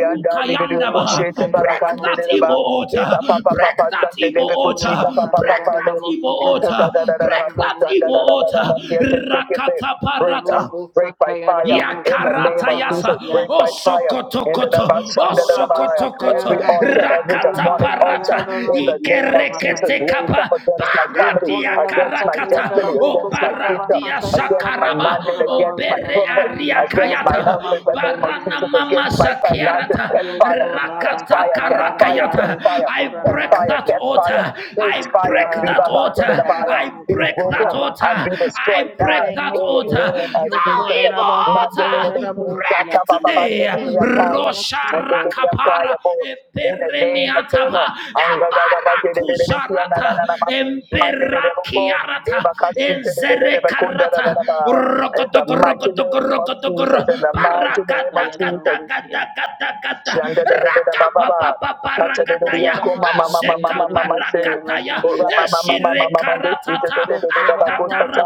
S4: speaking against my
S1: yandaba.
S4: marriage,
S1: Break that
S4: speaking
S1: evil
S4: against my
S1: altar.
S4: children,
S1: Break that evil
S4: speaking against
S1: altar.
S4: my
S1: Break
S4: business.
S1: that evil altar. Break that evil altar. Rakata
S2: up,
S1: parata.
S2: break by fire in the name
S1: Yakarata
S2: of Jesus.
S1: yasa
S2: Break by fire in the
S1: osokotokoto
S5: Ikora masata
S1: osokotokoto
S2: every
S5: yara
S4: In
S5: rabo
S2: altar,
S4: the
S2: every
S5: sokora
S4: mighty
S5: la
S1: rakata
S2: demonic
S4: name of
S5: masata
S2: altar
S4: Jesus, in
S5: yara
S1: parata
S2: in the
S5: rabo
S4: the
S2: name
S4: mighty
S2: of
S5: siyama
S4: name of
S2: Jesus
S1: ikerekete
S5: basayi.
S2: raised up
S1: kapa
S4: Jesus,
S2: against my family,
S5: Yokora
S1: paradia
S5: la
S2: against my
S5: masata
S1: karakata
S5: yara
S2: destiny,
S5: rabo
S1: o
S2: against my
S5: sokora la
S2: future
S1: paradia
S5: masata yara
S2: against my
S5: rabo
S1: sakaraba
S2: mandate,
S5: sokora la
S1: o
S2: against my
S5: masiyama
S1: bere
S2: purpose,
S5: basayi
S1: aria
S5: rosi.
S2: against my
S5: Yokora la
S1: kayata
S2: health in the
S5: masata
S2: name of
S5: yara
S1: barana
S2: Jesus,
S5: resi.
S1: mama
S2: against my finances.
S1: sakiarata
S2: Catch fire,
S5: Yokora
S2: catch
S1: rakata
S2: fire,
S5: masata
S2: catch
S5: yara
S2: fire, catch
S5: rabo
S1: karakayata
S2: fire,
S1: I
S5: sokora la
S2: catch
S1: break
S2: fire,
S1: that
S5: masiya.
S2: catch fire,
S1: altar
S2: catch
S1: I
S2: fire,
S5: Ikora
S1: break
S2: be
S5: la
S1: that altar
S2: back to
S5: masata
S2: the
S1: altar.
S5: yara
S2: fire,
S1: I
S5: rabo
S2: be
S1: break
S5: sokora
S2: broken
S5: la
S1: that
S2: and
S1: altar.
S5: masiya.
S2: be
S1: I
S2: destroyed
S5: In the
S2: now
S1: break
S5: name
S1: that
S2: in
S5: of
S2: the
S5: Jesus,
S1: altar.
S2: name
S4: in the
S2: of
S1: Thou
S2: Jesus.
S5: Yokora la
S1: evil
S4: name of
S5: masata
S2: Mandate in
S5: yara
S2: the
S4: Jesus.
S1: altar,
S2: sea,
S5: rabo
S1: break
S5: siya.
S2: Shaka
S4: I
S2: Baba
S4: just
S2: Bando
S1: today.
S4: can
S2: to
S5: in the
S2: the
S4: lift him
S2: fire,
S5: name
S4: up
S5: of
S2: and
S4: from
S5: Jesus,
S2: the
S4: every
S1: Rosharakapara
S2: fire
S4: demonic
S2: both
S4: altar.
S2: in the
S4: I
S2: name of
S4: just can
S1: epereniataba
S2: God.
S4: lift my
S2: Anga
S4: daughter
S2: Gaga
S4: from
S2: Bate de
S4: every
S2: de de de Tia
S4: demonic
S2: na na na
S4: altar.
S1: ebarakusharata
S2: na ma.
S4: You
S2: Mandate de de
S4: got to get
S2: ko
S4: the
S1: emberakiarata
S4: bounce.
S1: enzerekarata
S2: in
S4: I
S2: the
S4: plead the
S2: mighty
S4: blood of
S2: name of
S1: rogodogorogodogorogodogoro
S2: Jesus,
S4: Jesus
S2: in the mighty
S4: around you
S2: name of
S4: can
S2: Jesus,
S4: without you
S5: Kodaramasatayararabosia.
S4: because
S1: barakadagadagadagada
S2: Shanda
S4: you the
S2: da
S4: love
S2: da
S4: of
S2: da da ba
S1: Raka
S2: ba ba.
S1: papa papa
S2: Tata da da da ya
S1: rakataya.
S2: ko ma ma ma ma ma
S1: Asheka
S2: ma ma ma se.
S5: Ikodaramasatayararabosia
S1: parakataya.
S2: Ko
S5: babasaye.
S2: ra ma ma ma ma
S1: Eshire
S2: ma ma ma de si da
S1: karatata.
S2: da da da da da ba ko sa cha.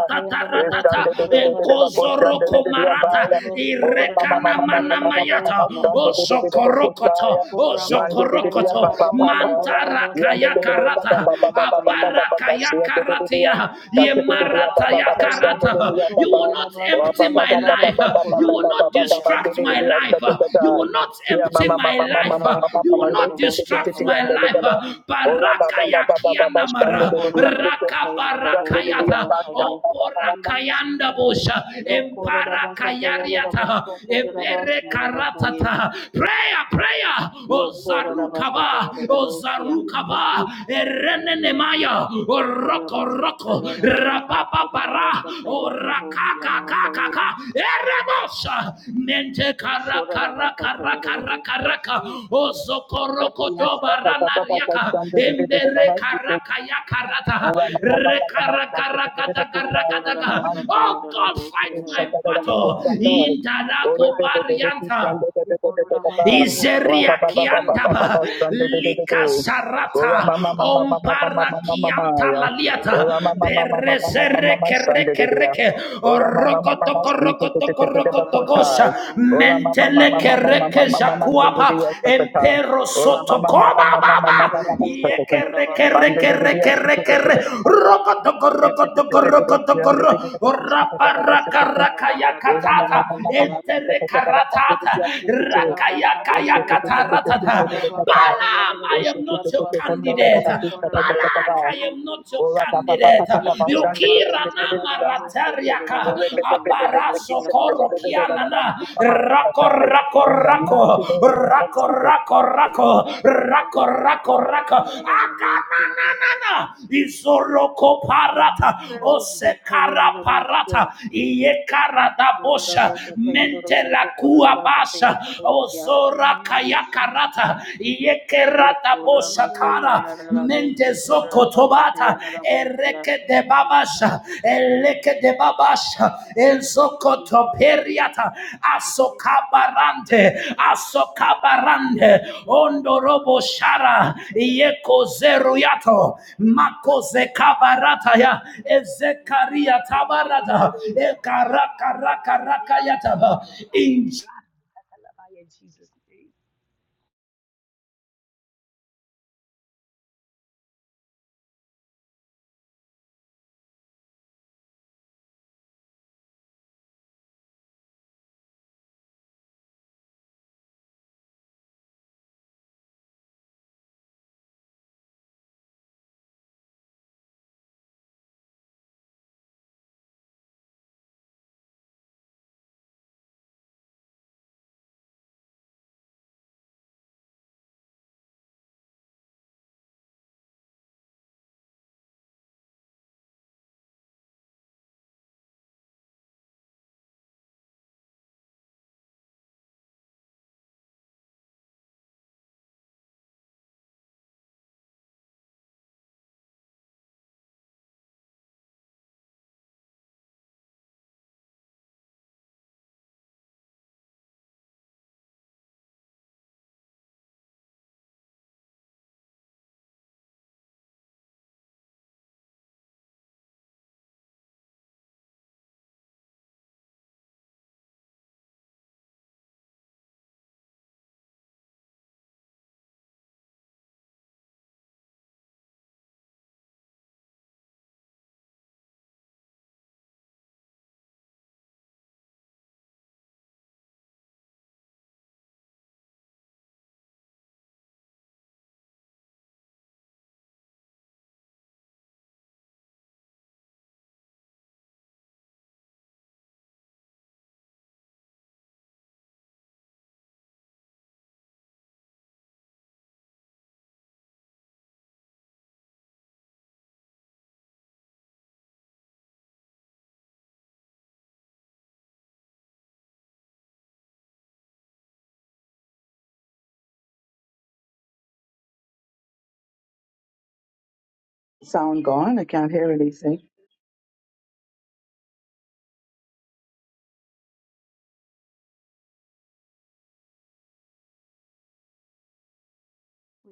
S2: Eh, Shanda da
S4: God.
S2: da da da da ba ko
S1: Enkozoro
S2: shanda da da da
S5: kodarabasatayararabosia
S2: ya
S4: In
S2: ba
S4: the
S1: komarata.
S2: ya.
S4: name
S5: babasayerosia
S2: Ko ra
S4: of
S2: ma ma ma
S1: Irekana
S2: ma ma
S4: Jesus,
S2: ma ma ma ma ma ma
S1: manamayata.
S5: kodarabasatayararabosia.
S4: in
S2: shanda
S4: the
S2: da da da da
S4: mighty
S2: ba ko
S4: name
S2: sa
S4: of
S1: Ozokorokoto.
S2: ya.
S4: Jesus,
S2: Man de da da da ya
S4: we thank
S2: ba
S1: Ozokorokoto.
S4: you
S2: ba
S4: for
S2: ba
S5: Ikodabasatayararaboso
S2: ba ya.
S1: mantara
S2: Ya
S4: the good
S2: da
S4: things
S2: da da
S4: that you
S2: da
S4: said
S2: ba
S1: kayakarata,
S5: kodarabasayararabosia
S4: on
S2: ba
S4: the
S2: ba ba ba
S4: cross.
S2: ba
S5: babasaye.
S2: ba ba ba
S4: I
S2: ba
S4: thank
S1: Abarakaya
S2: si ya
S4: you,
S2: da da
S4: Lord,
S2: da da
S4: for
S2: ya.
S4: the
S1: karatia.
S4: good
S2: Ka da da da
S4: the
S2: ya ba
S4: bad,
S1: Yemarata
S2: ba ba
S4: the bad,
S2: ba
S4: the bad,
S2: shanda da
S4: the
S2: da da
S1: yakarata.
S2: ya
S5: Yokoramasatayararaboso
S2: ba ba.
S1: You will not
S4: bad.
S2: Ra
S1: empty
S2: ba ba
S1: my
S2: ba ba ba
S1: life.
S2: ba
S5: kodarabasatayararaboso
S2: ba
S1: Uh,
S2: ba ba
S1: You will
S2: ba ba
S1: not
S2: ba ba
S4: In
S2: ba
S4: the
S2: de
S1: distract
S2: da da
S1: my
S2: da
S4: name
S2: ya
S4: of
S5: kodarabasatayararabosia.
S2: ta
S1: life.
S2: ta
S1: Uh,
S2: ta ta.
S1: You will
S4: Jesus.
S1: not
S2: Yeah, mama,
S1: empty my
S2: mama, mama,
S1: life. Uh,
S2: mama,
S1: You will not
S5: Kodarabasatayararabosia
S1: distract
S4: yes.
S1: my life. Uh,
S5: babasayerosia.
S4: Yes,
S1: Barakaya
S4: I believe you
S5: Yo
S1: kianamara.
S4: too.
S5: quarter
S4: You
S5: of us
S4: will
S5: are
S1: Raka
S4: not
S5: saying the
S4: scatter my
S5: double fear of
S1: barakayata.
S5: us
S4: waterfall.
S5: again.
S4: You will not scatter
S1: Oporakayanda
S4: my life.
S1: bosha.
S4: You will
S5: Yo
S4: not protect
S5: quarter
S4: my
S5: of us are
S4: future. You
S5: saying the
S4: will
S1: Emparakayariata.
S4: not
S5: double so
S4: believe
S5: quarter of
S4: it.
S5: us
S4: God,
S1: Ebere
S5: fear
S4: I
S5: of
S4: love
S5: us
S4: you. I love
S5: again.
S4: you.
S1: karatata.
S4: I love
S1: Prayer,
S4: you. I
S1: prayer.
S4: feel
S5: Yo
S4: so
S5: quarter
S4: sick
S5: of
S4: that
S5: us are saying
S1: Ozarukaba.
S4: that stuff
S5: the
S1: o
S5: double fear.
S4: You will not make out
S1: E
S4: that love like that kind of
S1: Erenenemaya,
S4: talk. to you
S5: Quarter of
S4: here
S1: Oroko
S5: us
S4: in the
S5: are
S1: Roko,
S5: saying
S4: name of
S5: the double
S4: Jesus.
S5: so quarter of
S1: Rababara,
S5: us are saying the
S4: In the
S5: double fear
S4: mighty
S5: of
S1: Orakaka
S5: us
S4: name of
S5: again.
S1: Kaka,
S4: Jesus, we bow our backs
S1: Erebosa,
S4: to you.
S1: Mente
S4: We
S5: Yo
S4: shall
S5: quarter
S4: bow
S5: of us
S1: Karakara
S4: our
S5: are
S4: minds
S5: saying
S4: to
S5: the
S4: you, we
S1: Karakara
S5: double
S4: shall bow our
S5: fear.
S1: Karaka,
S4: souls to you.
S1: Osokoroko
S4: We ask you to
S1: Dobarana
S4: every
S2: mama,
S1: Yaka,
S4: creature that has been built
S2: mama,
S1: Embere
S4: by our
S2: mama,
S4: hand.
S1: Karaka Yakarata,
S2: Ora mama
S4: We are our
S2: mama mama
S4: backs to make this good night
S1: Rekarakarakata
S4: of
S5: Yo
S4: you, we bow our souls to you, we
S5: quarter
S4: bow
S5: of
S4: our
S5: us are
S1: Karakataka.
S5: saying
S1: Oh
S5: the
S1: God,
S4: souls
S5: double
S4: to you, we
S5: fear
S1: fight
S5: of
S4: bow
S1: my
S5: us
S4: our souls
S5: again.
S4: to
S1: battle.
S4: you. May the
S1: Intarako
S4: fire of God,
S1: Barianta.
S4: uh,
S5: Yo
S4: this is
S5: quarter of
S4: really
S5: us are
S4: you.
S5: saying
S4: uh,
S5: the double
S1: Izeria
S4: Our
S5: so
S4: Lord,
S5: quarter of
S4: bow
S5: us
S1: kiandaba
S4: after
S5: again.
S4: the Holy
S1: lika
S4: Spirit cuts you
S1: sarata
S4: down, cuts
S1: ompara
S4: you
S1: kianta
S4: off.
S5: Quarter of
S1: laliata
S5: us are
S4: Disconnect
S5: saying
S4: us
S5: the
S4: from
S5: double
S4: where the
S1: perezere
S5: fear.
S4: man
S1: kere
S4: wants
S1: kere
S4: us.
S1: ke
S4: Man's
S1: orokotoko
S4: really this, and
S1: rokotoko
S4: the
S5: Quarter of
S4: man's
S5: us are
S4: kind of
S5: saying
S4: a
S5: the
S1: rokotokosha
S5: double fear
S4: and
S5: of
S4: the
S5: us
S1: mentele
S4: really the
S1: kere ke
S4: day.
S5: again.
S4: You are
S1: jakuapa
S4: the one of the one of the
S1: empero
S4: one of the one of the one of
S1: soto
S4: the
S1: koba
S2: mama
S4: one
S1: baba
S2: mama
S4: of the one of
S1: ye
S2: mama
S1: kere
S2: in
S1: kere
S2: the
S1: kere kere kere
S4: the
S1: rokotoko rokotoko rokotoko ro orabara karakaya katata entere karatata
S4: Every error, every attack,
S1: Balaam,
S4: every
S1: I am not
S4: accident
S1: your
S4: against my
S1: candidate.
S4: children.
S1: Balak, I am not your candidate. Yukira nama
S4: Fire to the
S1: ratariaka.
S4: altars. Fire to your
S1: Abaraso koro
S4: altars.
S1: kianana. Rako rako rako.
S2: mighty name of
S1: Rako
S2: Jesus.
S1: rako rako. Rako rako rako. Akananana. Izoroko
S4: In the
S1: parata.
S4: name of Jesus.
S1: Osekara
S5: Thank you.
S1: parata. Iyekarada
S5: We
S4: In the
S1: bosha.
S4: name of Jesus.
S1: Mente la Kasha,
S4: In the
S1: Ozora
S4: name of Jesus.
S1: Kayakarata, Yekerata
S4: In the name
S1: Boshakara,
S4: of Jesus, Lord,
S1: Mendezoko
S4: God, I pray
S1: Tobata,
S4: that if I should be
S1: Ereke
S4: the
S1: de
S4: body,
S1: Babasha,
S4: your
S1: Eleke
S4: words
S1: de
S4: and God, the
S1: Babasha,
S4: things that are
S1: Elzoko
S4: speaking is really good.
S1: Toperiata,
S4: Father God, the thing that is not
S1: Asokabarante,
S4: against every the blood of God.
S1: Asokabarante,
S4: Lord God, we will recover
S1: Ondorobo
S4: all. She comes
S1: Shara,
S4: like a
S1: Yeko
S4: the way the body is really
S1: Zeruyato,
S4: not good. The body
S1: Makoze Kabarata,
S4: drops with
S1: ya,
S4: the good of the Lord.
S1: Ezekaria
S4: Father God, in the name
S1: Tabarata,
S4: of Jesus,
S1: Ekarakarakarakayata,
S4: God,
S1: in
S4: God, I love you in Jesus' name.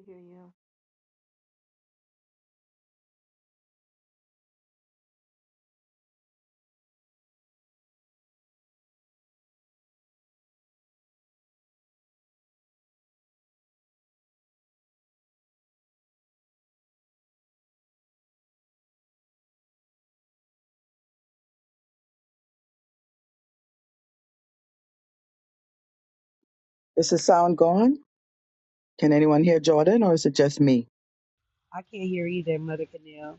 S5: hear you.
S4: I can't hear either, Mother Canal.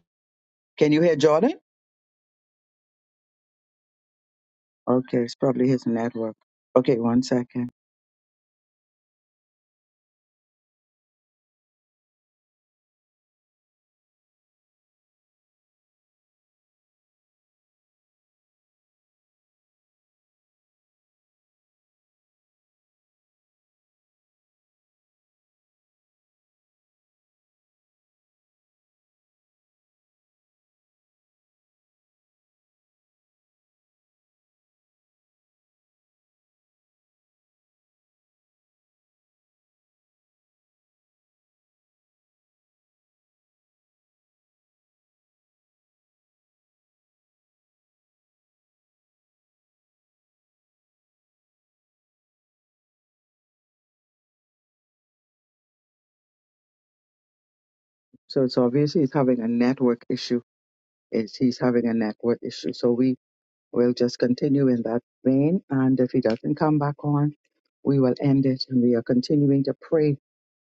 S2: So it's obviously he's having a network issue. It's, he's having a network issue. So we We'll just continue in that vein. And if he doesn't come back on, we will end it. And we are continuing to pray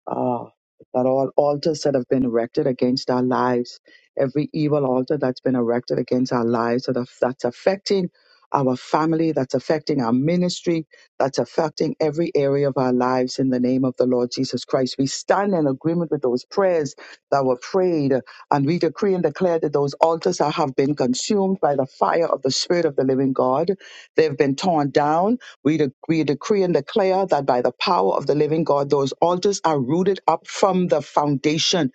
S2: uh, that all altars that have been erected against our lives, every evil altar that's been erected against our lives that are- that's affecting our family, that's affecting our ministry, that's affecting every area of our lives in the name of the Lord Jesus Christ. We stand in agreement with those prayers that were prayed, and we decree and declare that those altars are- have been consumed by the fire of the Spirit of the living God. They've been torn down we, de- we decree and declare that by the power of the living God, those altars are rooted up from the foundation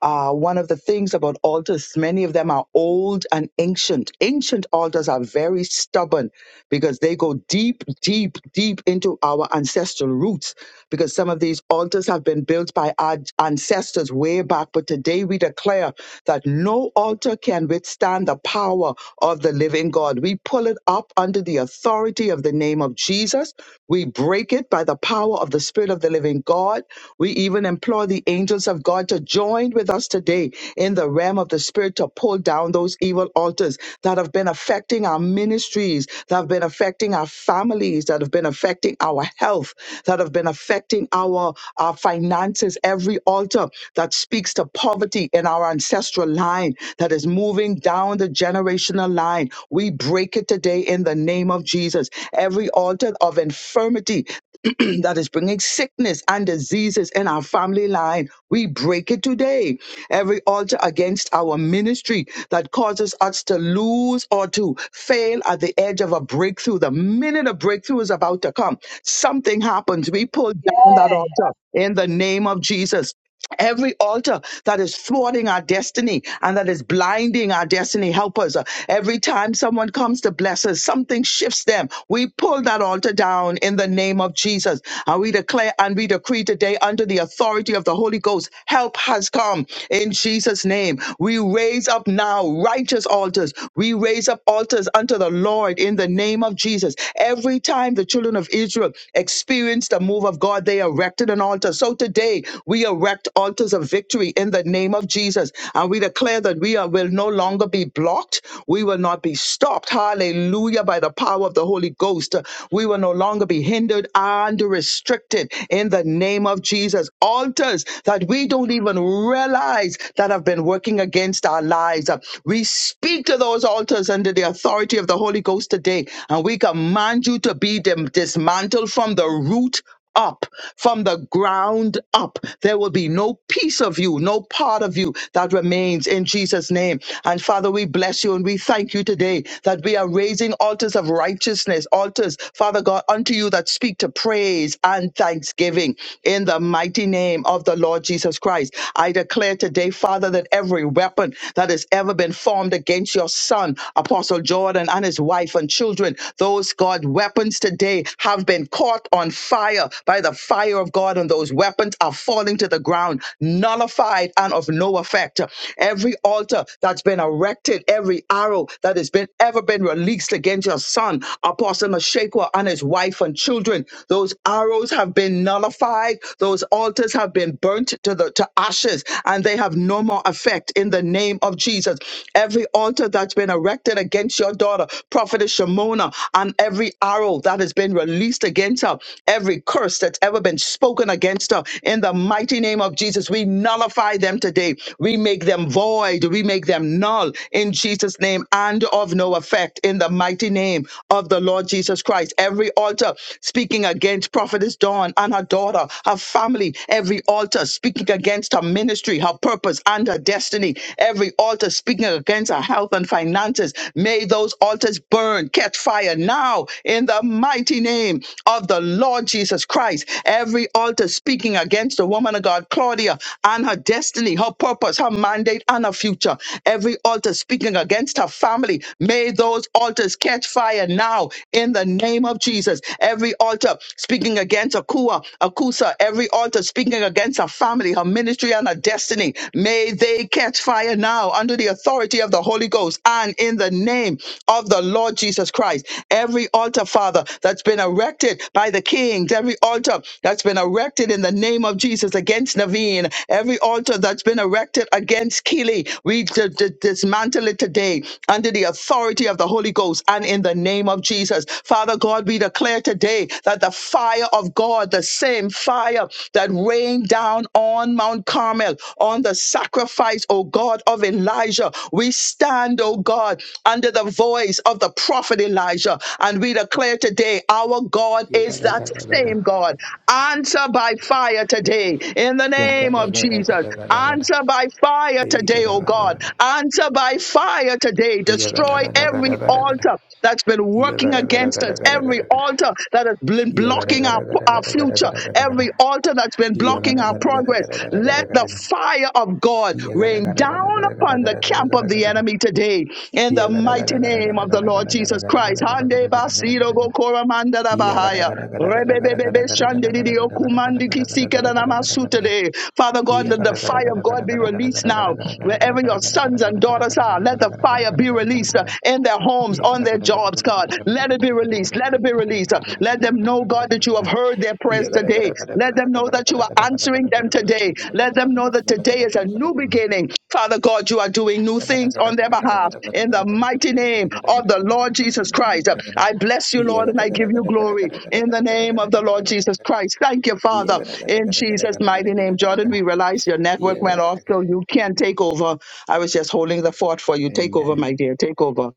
S2: uh, one of the things about altars, many of them are old and ancient. Ancient altars are very stubborn because they go deep, deep, deep into our ancestral roots. Because some of these altars have been built by our ancestors way back, but today we declare that no altar can withstand the power of the living God. We pull it up under the authority of the name of Jesus. We break break it by the power of the Spirit of the living God. We even implore the angels of God to join with us today in the realm of the Spirit to pull down those evil altars that have been affecting our ministries, that have been affecting our families, that have been affecting our health, that have been affecting our, our finances. Every altar that speaks to poverty in our ancestral line, that is moving down the generations generational line. We break it today in the name of Jesus. Every altar of infirmity that is bringing sickness and diseases in our family line, we break it today. Every altar against our ministry that causes us to lose or to fail at the edge of a breakthrough, the minute a breakthrough is about to come, something happens. We pull down that
S4: Yes.
S2: altar in the name of Jesus. Every altar that is thwarting our destiny and that is blinding our destiny, help us. Every time someone comes to bless us, something shifts them. We pull that altar down in the name of Jesus. And we declare and we decree today under the authority of the Holy Ghost, help has come in Jesus' name. We raise up now righteous altars. We raise up altars unto the Lord in the name of Jesus. Every time the children of Israel experienced the move of God, they erected an altar. So today we erect altars of victory in the name of Jesus. And we declare that we are, will no longer be blocked. We will not be stopped. Hallelujah. By the power of the Holy Ghost. We will no longer be hindered and restricted in the name of Jesus. Altars that we don't even realize that have been working against our lives. We speak to those altars under the authority of the Holy Ghost today. And we command you to be dim- dismantled from the root up, from the ground up. There will be no piece of you, no part of you that remains in Jesus' name. And Father, we bless you and we thank you today that we are raising altars of righteousness, altars, Father God, unto you that speak to praise and thanksgiving in the mighty name of the Lord Jesus Christ. I declare today, Father, that every weapon that has ever been formed against your son, Apostle Jordan, and his wife and children, those, God, God, weapons today have been caught on fire by the fire of God, and those weapons are falling to the ground, nullified and of no effect. Every altar that's been erected, every arrow that has been ever been released against your son, Apostle Meshekwa and his wife and children, those arrows have been nullified, those altars have been burnt to the to ashes, and they have no more effect in the name of Jesus. Every altar that's been erected mounted against your daughter, Prophetess Shimona, and every arrow that has been released against her, every curse that's ever been spoken against her. In the mighty name of Jesus, we nullify them today. We make them void. We make them null in Jesus' name and of no effect in the mighty name of the Lord Jesus Christ. Every altar speaking against Prophetess Dawn and her daughter, her family, every altar speaking against her ministry, her purpose, and her destiny. Every altar speaking against our health and finances, may those altars burn, catch fire now in the mighty name of the Lord Jesus Christ. Every altar speaking against the woman of God, Claudia, and her destiny, her purpose, her mandate, and her future. Every altar speaking against her family, may those altars catch fire now in the name of Jesus. Every altar speaking against Akua, Akusa, every altar speaking against her family family, her ministry, and her destiny. May they catch fire now under the authority of the Holy Ghost and in the name of the Lord Jesus Christ. Every altar, Father, that's been erected by the kings, every altar that's been erected in the name of Jesus against Naveen, every altar that's been erected against Keely, we d- d- dismantle it today under the authority of the Holy Ghost and in the name of Jesus. Father God, we declare today that the fire of God. Lord, the same fire that rained down on Mount Carmel, on the sacrifice, O God, of Elijah. We stand, O God, under the voice of the prophet Elijah, and we declare today our God is that same God. Answer by fire today in the name of Jesus. Answer by fire today, O God. Answer by fire today. Destroy every altar that's been working against us deliverance, every altar that has been blocking our, our future, every altar that's been blocking our progress, let the fire of God rain down upon the camp of the enemy today in the mighty name of the Lord Jesus Christ. Hande basido bokora manda da bahaya. Rebebebebe shande didi okumandi kisike da namasu today. Father God, let the fire of God be released now wherever your sons and daughters are. Let the fire be released uh, in their homes, on their jobs, God. Let it be released. Let it be released. uh, Let them know, God, that you have heard their prayers today. Let them know that you are answering them today. Let them know that today is a new beginning. Father God, you are doing new things on their behalf in the mighty name of the Lord Jesus Christ. Uh, I bless you, Lord, and I give you glory in the name of the Lord Jesus Christ. Thank you, Father, in Jesus' mighty name. Jordan, we realize your network went off, so you can take over. I was just holding the fort for you. Take over,
S1: Amen.
S2: my dear. Take over.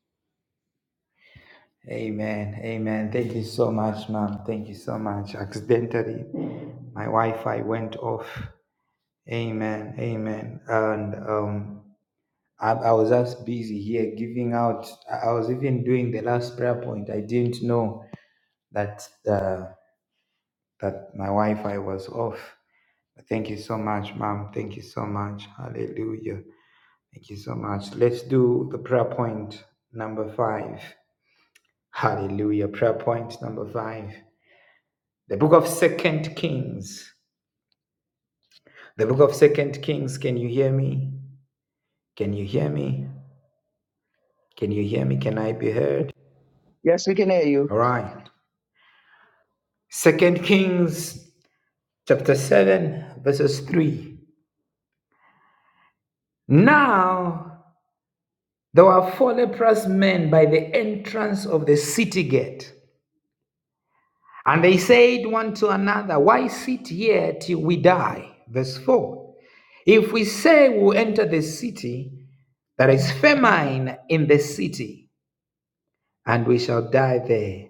S1: Amen. Amen. Thank you so much, ma'am. Thank you so much. Accidentally, my Wi-Fi went off. Amen. Amen. The book of Second Kings. Can you hear me? Can you hear me? Can you hear me? Can I be heard?
S2: Yes, we can hear you.
S1: All right. Second Kings chapter 7, verses 3. Now there were four leprous men by the entrance of the city gate. And they said one to another, Why sit here till we die? Verse 4. If we say we'll enter the city, there is famine in the city, and we shall die there.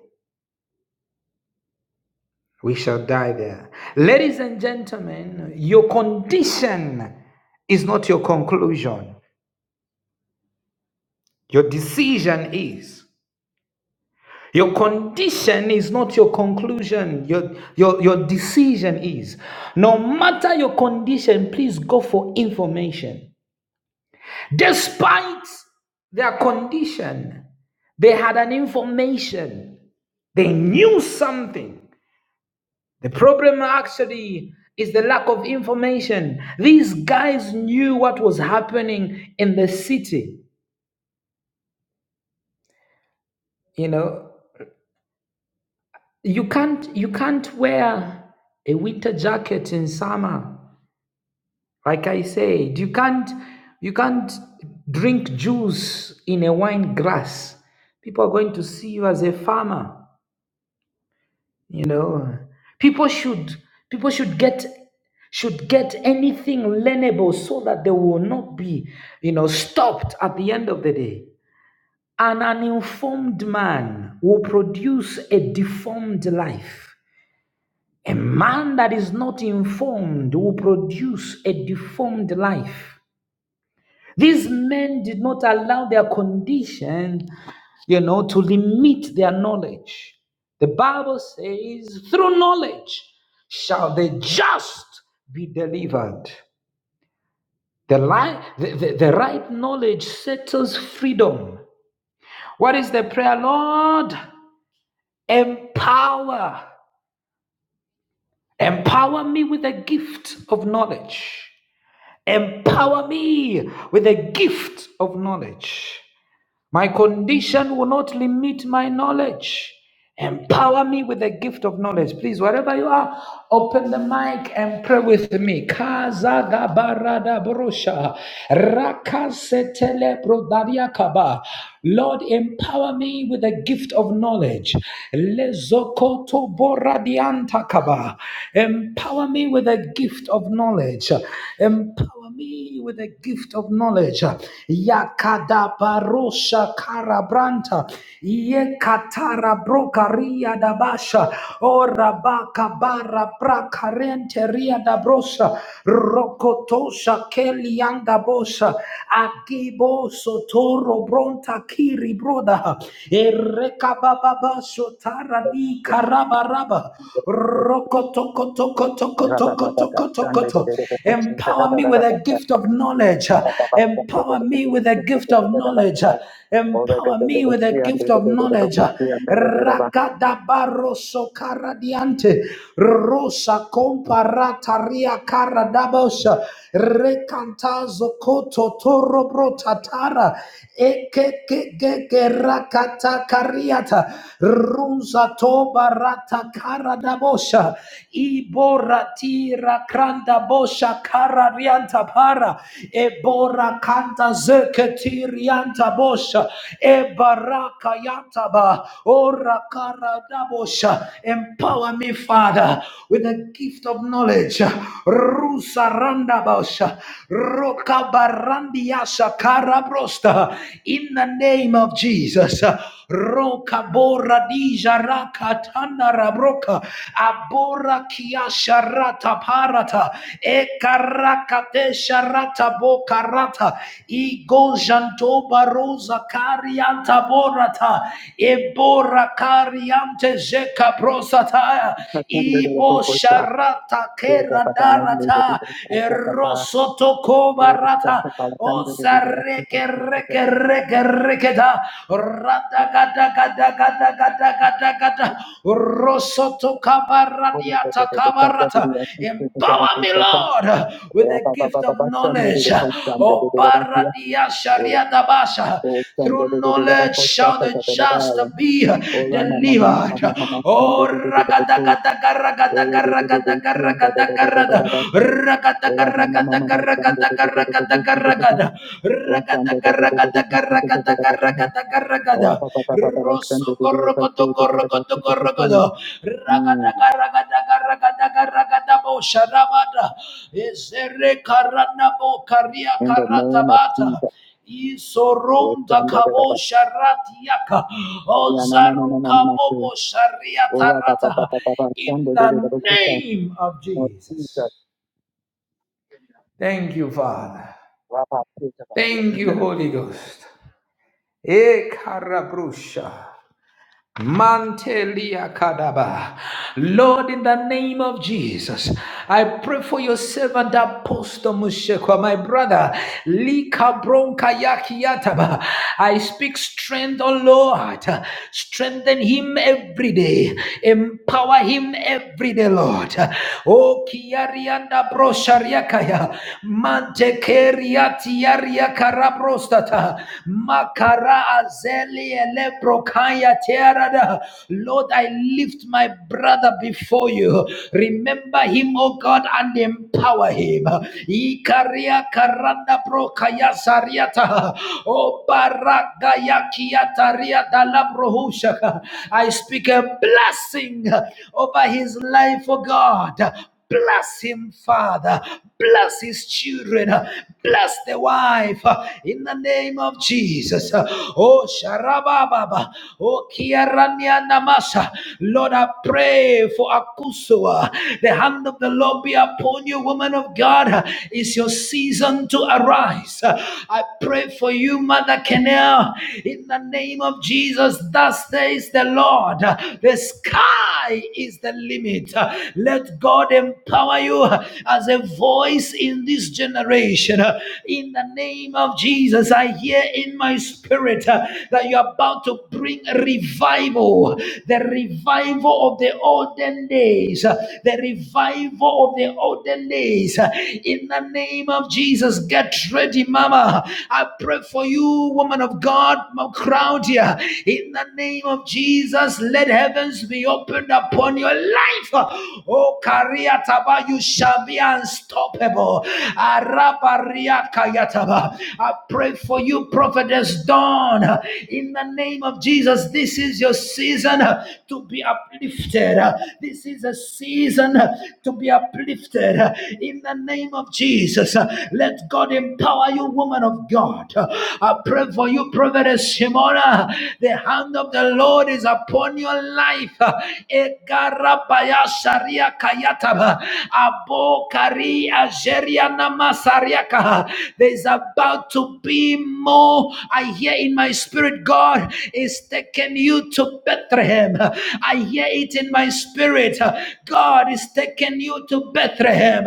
S1: We shall die there. Ladies and gentlemen, your condition is not your conclusion, your decision is. Your condition is not your conclusion, your, your, your decision is. No matter your condition, please go for information. Despite their condition, they had an information. They knew something. The problem actually is the lack of information. These guys knew what was happening in the city. You know, you can't you can't wear a winter jacket in summer. Like I said, you can't you can't drink juice in a wine glass. People are going to see you as a farmer you know people should people should get should get anything learnable so that they will not be you know stopped at the end of the day an uninformed man will produce a deformed life a man that is not informed will produce a deformed life these men did not allow their condition you know, to limit their knowledge. The Bible says, through knowledge shall the just be delivered. The, li- the, the, the right knowledge settles freedom. What is the prayer, Lord? Empower. Empower me with the gift of knowledge. Empower me with the gift of knowledge. My condition will not limit my knowledge. Empower me with the gift of knowledge. Please, wherever you are, open the mic and pray with me. Kazagabarada borosha. Rakasetele brodariakaba. Lord, empower me with the gift of knowledge. Lezokoto boradiantakaba. Empower me with the gift of knowledge. Empower empower me with a gift of knowledge. Yakada barosha karabranta. Yekatara brokaria dabasha. Orabaka bara brakarente ria dabrosha. Rokotosha kelianda bosha. Akiboso toro bronta kiri broda. Erekababa sotara di karabaraba. Empower me with a gift of knowledge. Empower me with a gift of knowledge. Empower me with a gift of knowledge. Rakadabaroso karadiante. Rosa comparataria karadabosha. Recantazo koto toro brotatara. Eke ke ke ke raka Kata Kariata Ruza Toba Rata Karadabosha Ibora Tira Kranda Bosha Kararianta Para Ebora Kanta Zeketirianta Bosha Ebaraka Yantaba Ora Karadabosha Empower me, Father, with the gift of knowledge. Rusa randa bosha Randabosha Barandiasa karabrosta. In the name of Jesus. Roka bora dija raka tanda rabroka. Abora kiasha rata parata. Ekaraka desha bokarata, boka rata. Igo baroza karianta borata. Ebora kariante zeka prosataya. Ibo shara rata ke radarata erosoto ko barata o zareke reke reke reke da rata gata gata gata gata gata gata rosoto kabaradiata kabarata empower me Lord with the gift of knowledge o baradia sharia dabasha through knowledge shall the just be delivered. Oh, ragadagadaga,
S2: In
S1: ragadaga,
S2: the
S1: ragadaga,
S2: name
S1: ragadaga, ragada. Ragadaga, ragadaga, ragadaga, ragadaga, ragada. Ragadaga, ragadaga, ragadaga, ragadaga, ragada. Rosogo, rogodogo, rogodogo, rogodo. Ragadaga, ragadaga, ragadaga, ragadabo, sharabada. Ezere karanabo, karia
S2: of
S1: karatabata.
S2: Jesus. Oh,
S1: Isoronda
S2: stand
S1: kabo sharatiaka.
S2: Yeah, no, no, no, no,
S1: Ozaru
S2: no, no, no. Oh, yeah,
S1: shariatarata. In the name of
S2: Oh,
S1: Jesus. Thank you, Father. Thank you, Holy Ghost. E karabrusha. Mantelia Kadaba. Lord, in the name of Jesus, I pray for your servant Apostle Mushekwa, my brother. Lika Bronka Yakiataba. I speak strength, O Lord. Strengthen him every day. Empower him every day, Lord. Oh Kiarianda Broshariakaya. Mante Keriatiaria Karabrostata. Makara Azel Lord, I lift my brother before you. Remember him, O God, and empower him. I speak a blessing over his life, O God. Bless him, Father. Bless his children. Bless the wife in the name of Jesus. Oh, Sharababa. Oh, Kiarania Namasa. Lord, I pray for Akusua. The hand of the Lord be upon you, woman of God. It's your season to arise. I pray for you, Mother Kenel. In the name of Jesus, thus says the Lord. The sky is the limit. Let God empower you as a voice in this generation. In the name of Jesus, I hear in my spirit uh, that you're about to bring revival the revival of the olden days, uh, the revival of the olden days. In the name of Jesus, get ready, Mama. I pray for you, woman of God, my crowd here. In the name of Jesus, let heavens be opened upon your life life. Oh, Kariataba, you shall be unstoppable. Arabariakayataba. I pray for you, Prophetess Dawn, in the name of Jesus. This is your season to be uplifted. This is a season to be uplifted in the name of Jesus. Let God empower you, woman of God. I pray for you, Prophetess Shimona. The hand of the Lord is upon your life Egarabaya sharia kayataba. Abokari ajeria namasariaka. There's about to be more. I hear in my spirit, God is taking you to Bethlehem. I hear it in my spirit. God is taking you to Bethlehem.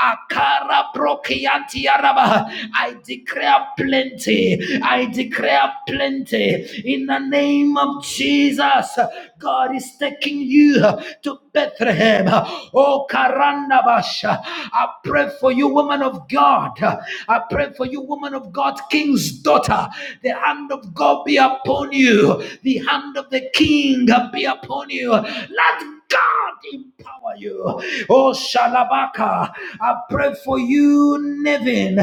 S1: Akara brokianti araba. I declare plenty. I declare plenty in the name of Jesus. God God is taking you to Bethlehem. Oh, Karanabasha. I pray for you, woman of God. I pray for you, woman of God, King's daughter. The hand of God be upon you, the hand of the King be upon you. Let God. God empower you. Oh, Shalabaka, I pray for you, Nevin.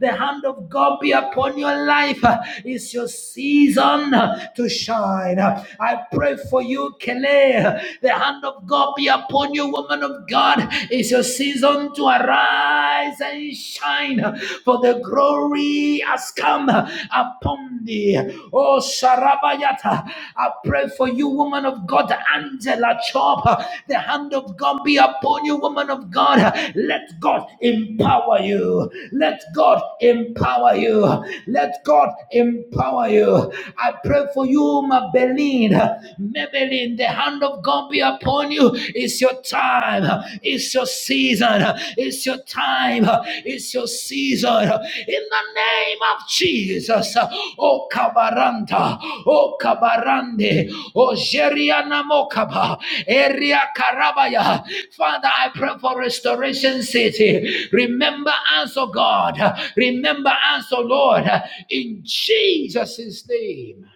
S1: The hand of God be upon your life. It's your season to shine. I pray for you, Kele. The hand of God be upon you, woman of God. It's your season to arise and shine, for the glory has come I upon thee. Oh, Sarabayata, I pray for you, woman of God, Angela Chop. The hand of God be upon you, woman of God. Let God empower you. Let God empower you. Let God empower you. I pray for you, my Maybelline. Maybelline, the hand of God be upon you. It's your time. It's it's your season. It's your time. It's your season. In the name of Jesus. O kabaranta. O kabarande. O jeriana mokaba. Eria karabaya. Father, I pray for restoration city. Remember us, O God. Remember us, O Lord. In Jesus' name.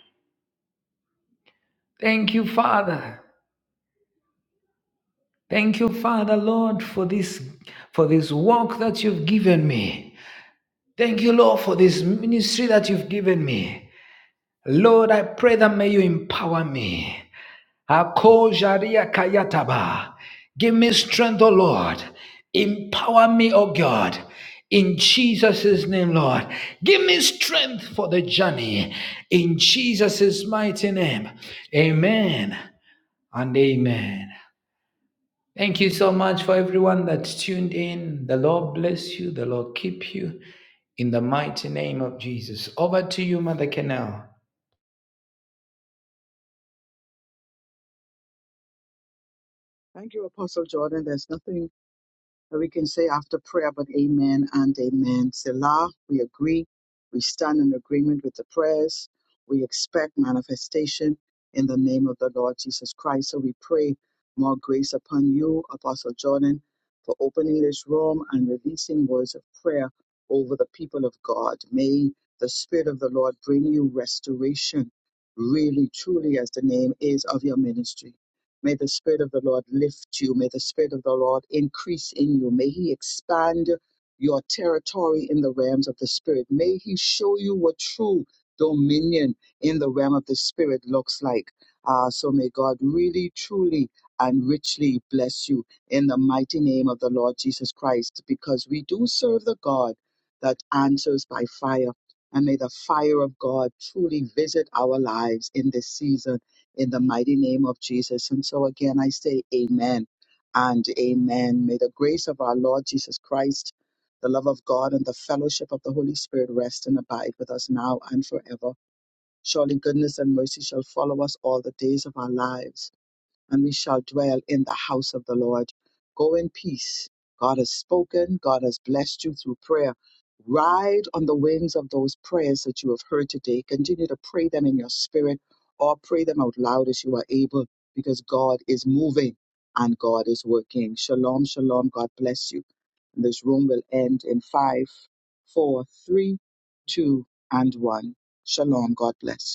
S1: Thank you, Father. Thank you, Father, Lord, for this for this work that you've given me. Thank you, Lord, for this ministry that you've given me. Lord, I pray that may you empower me. Ako jaria kayataba. Give me strength, O Lord. Empower me, O God. In Jesus' name, Lord. Give me strength for the journey. In Jesus' mighty name. Amen and amen. Thank you so much for everyone that's tuned in. The Lord bless you. The Lord keep you. In the mighty name of Jesus. Over to you, Mother Canal.
S2: Thank you, Apostle Jordan. There's nothing And we can say after prayer, but amen and amen. Selah, we agree. We stand in agreement with the prayers. We expect manifestation in the name of the Lord Jesus Christ. So we pray more grace upon you, Apostle Jordan, for opening this room and releasing words of prayer over the people of God. May the Spirit of the Lord bring you restoration, really, truly, as the name is of your ministry. May the Spirit of the Lord lift you. May the Spirit of the Lord increase in you. May He expand your territory in the realms of the Spirit. May He show you what true dominion in the realm of the Spirit looks like. Uh, so may God really, truly, and richly bless you in the mighty name of the Lord Jesus Christ, because we do serve the God that answers by fire. And may the fire of God truly visit our lives in this season in the mighty name of Jesus. And so again, I say amen and amen. May the grace of our Lord Jesus Christ, the love of God, and the fellowship of the Holy Spirit rest and abide with us now and forever. Surely goodness and mercy shall follow us all the days of our lives and we shall dwell in the house of the Lord. Go in peace. God has spoken. God has blessed you through prayer. Ride on the wings of those prayers that you have heard today. Continue to pray them in your spirit or pray them out loud as you are able because God is moving and God is working. Shalom, shalom. God bless you. And this room will end in five, four, three, two, and one. Shalom. God bless you.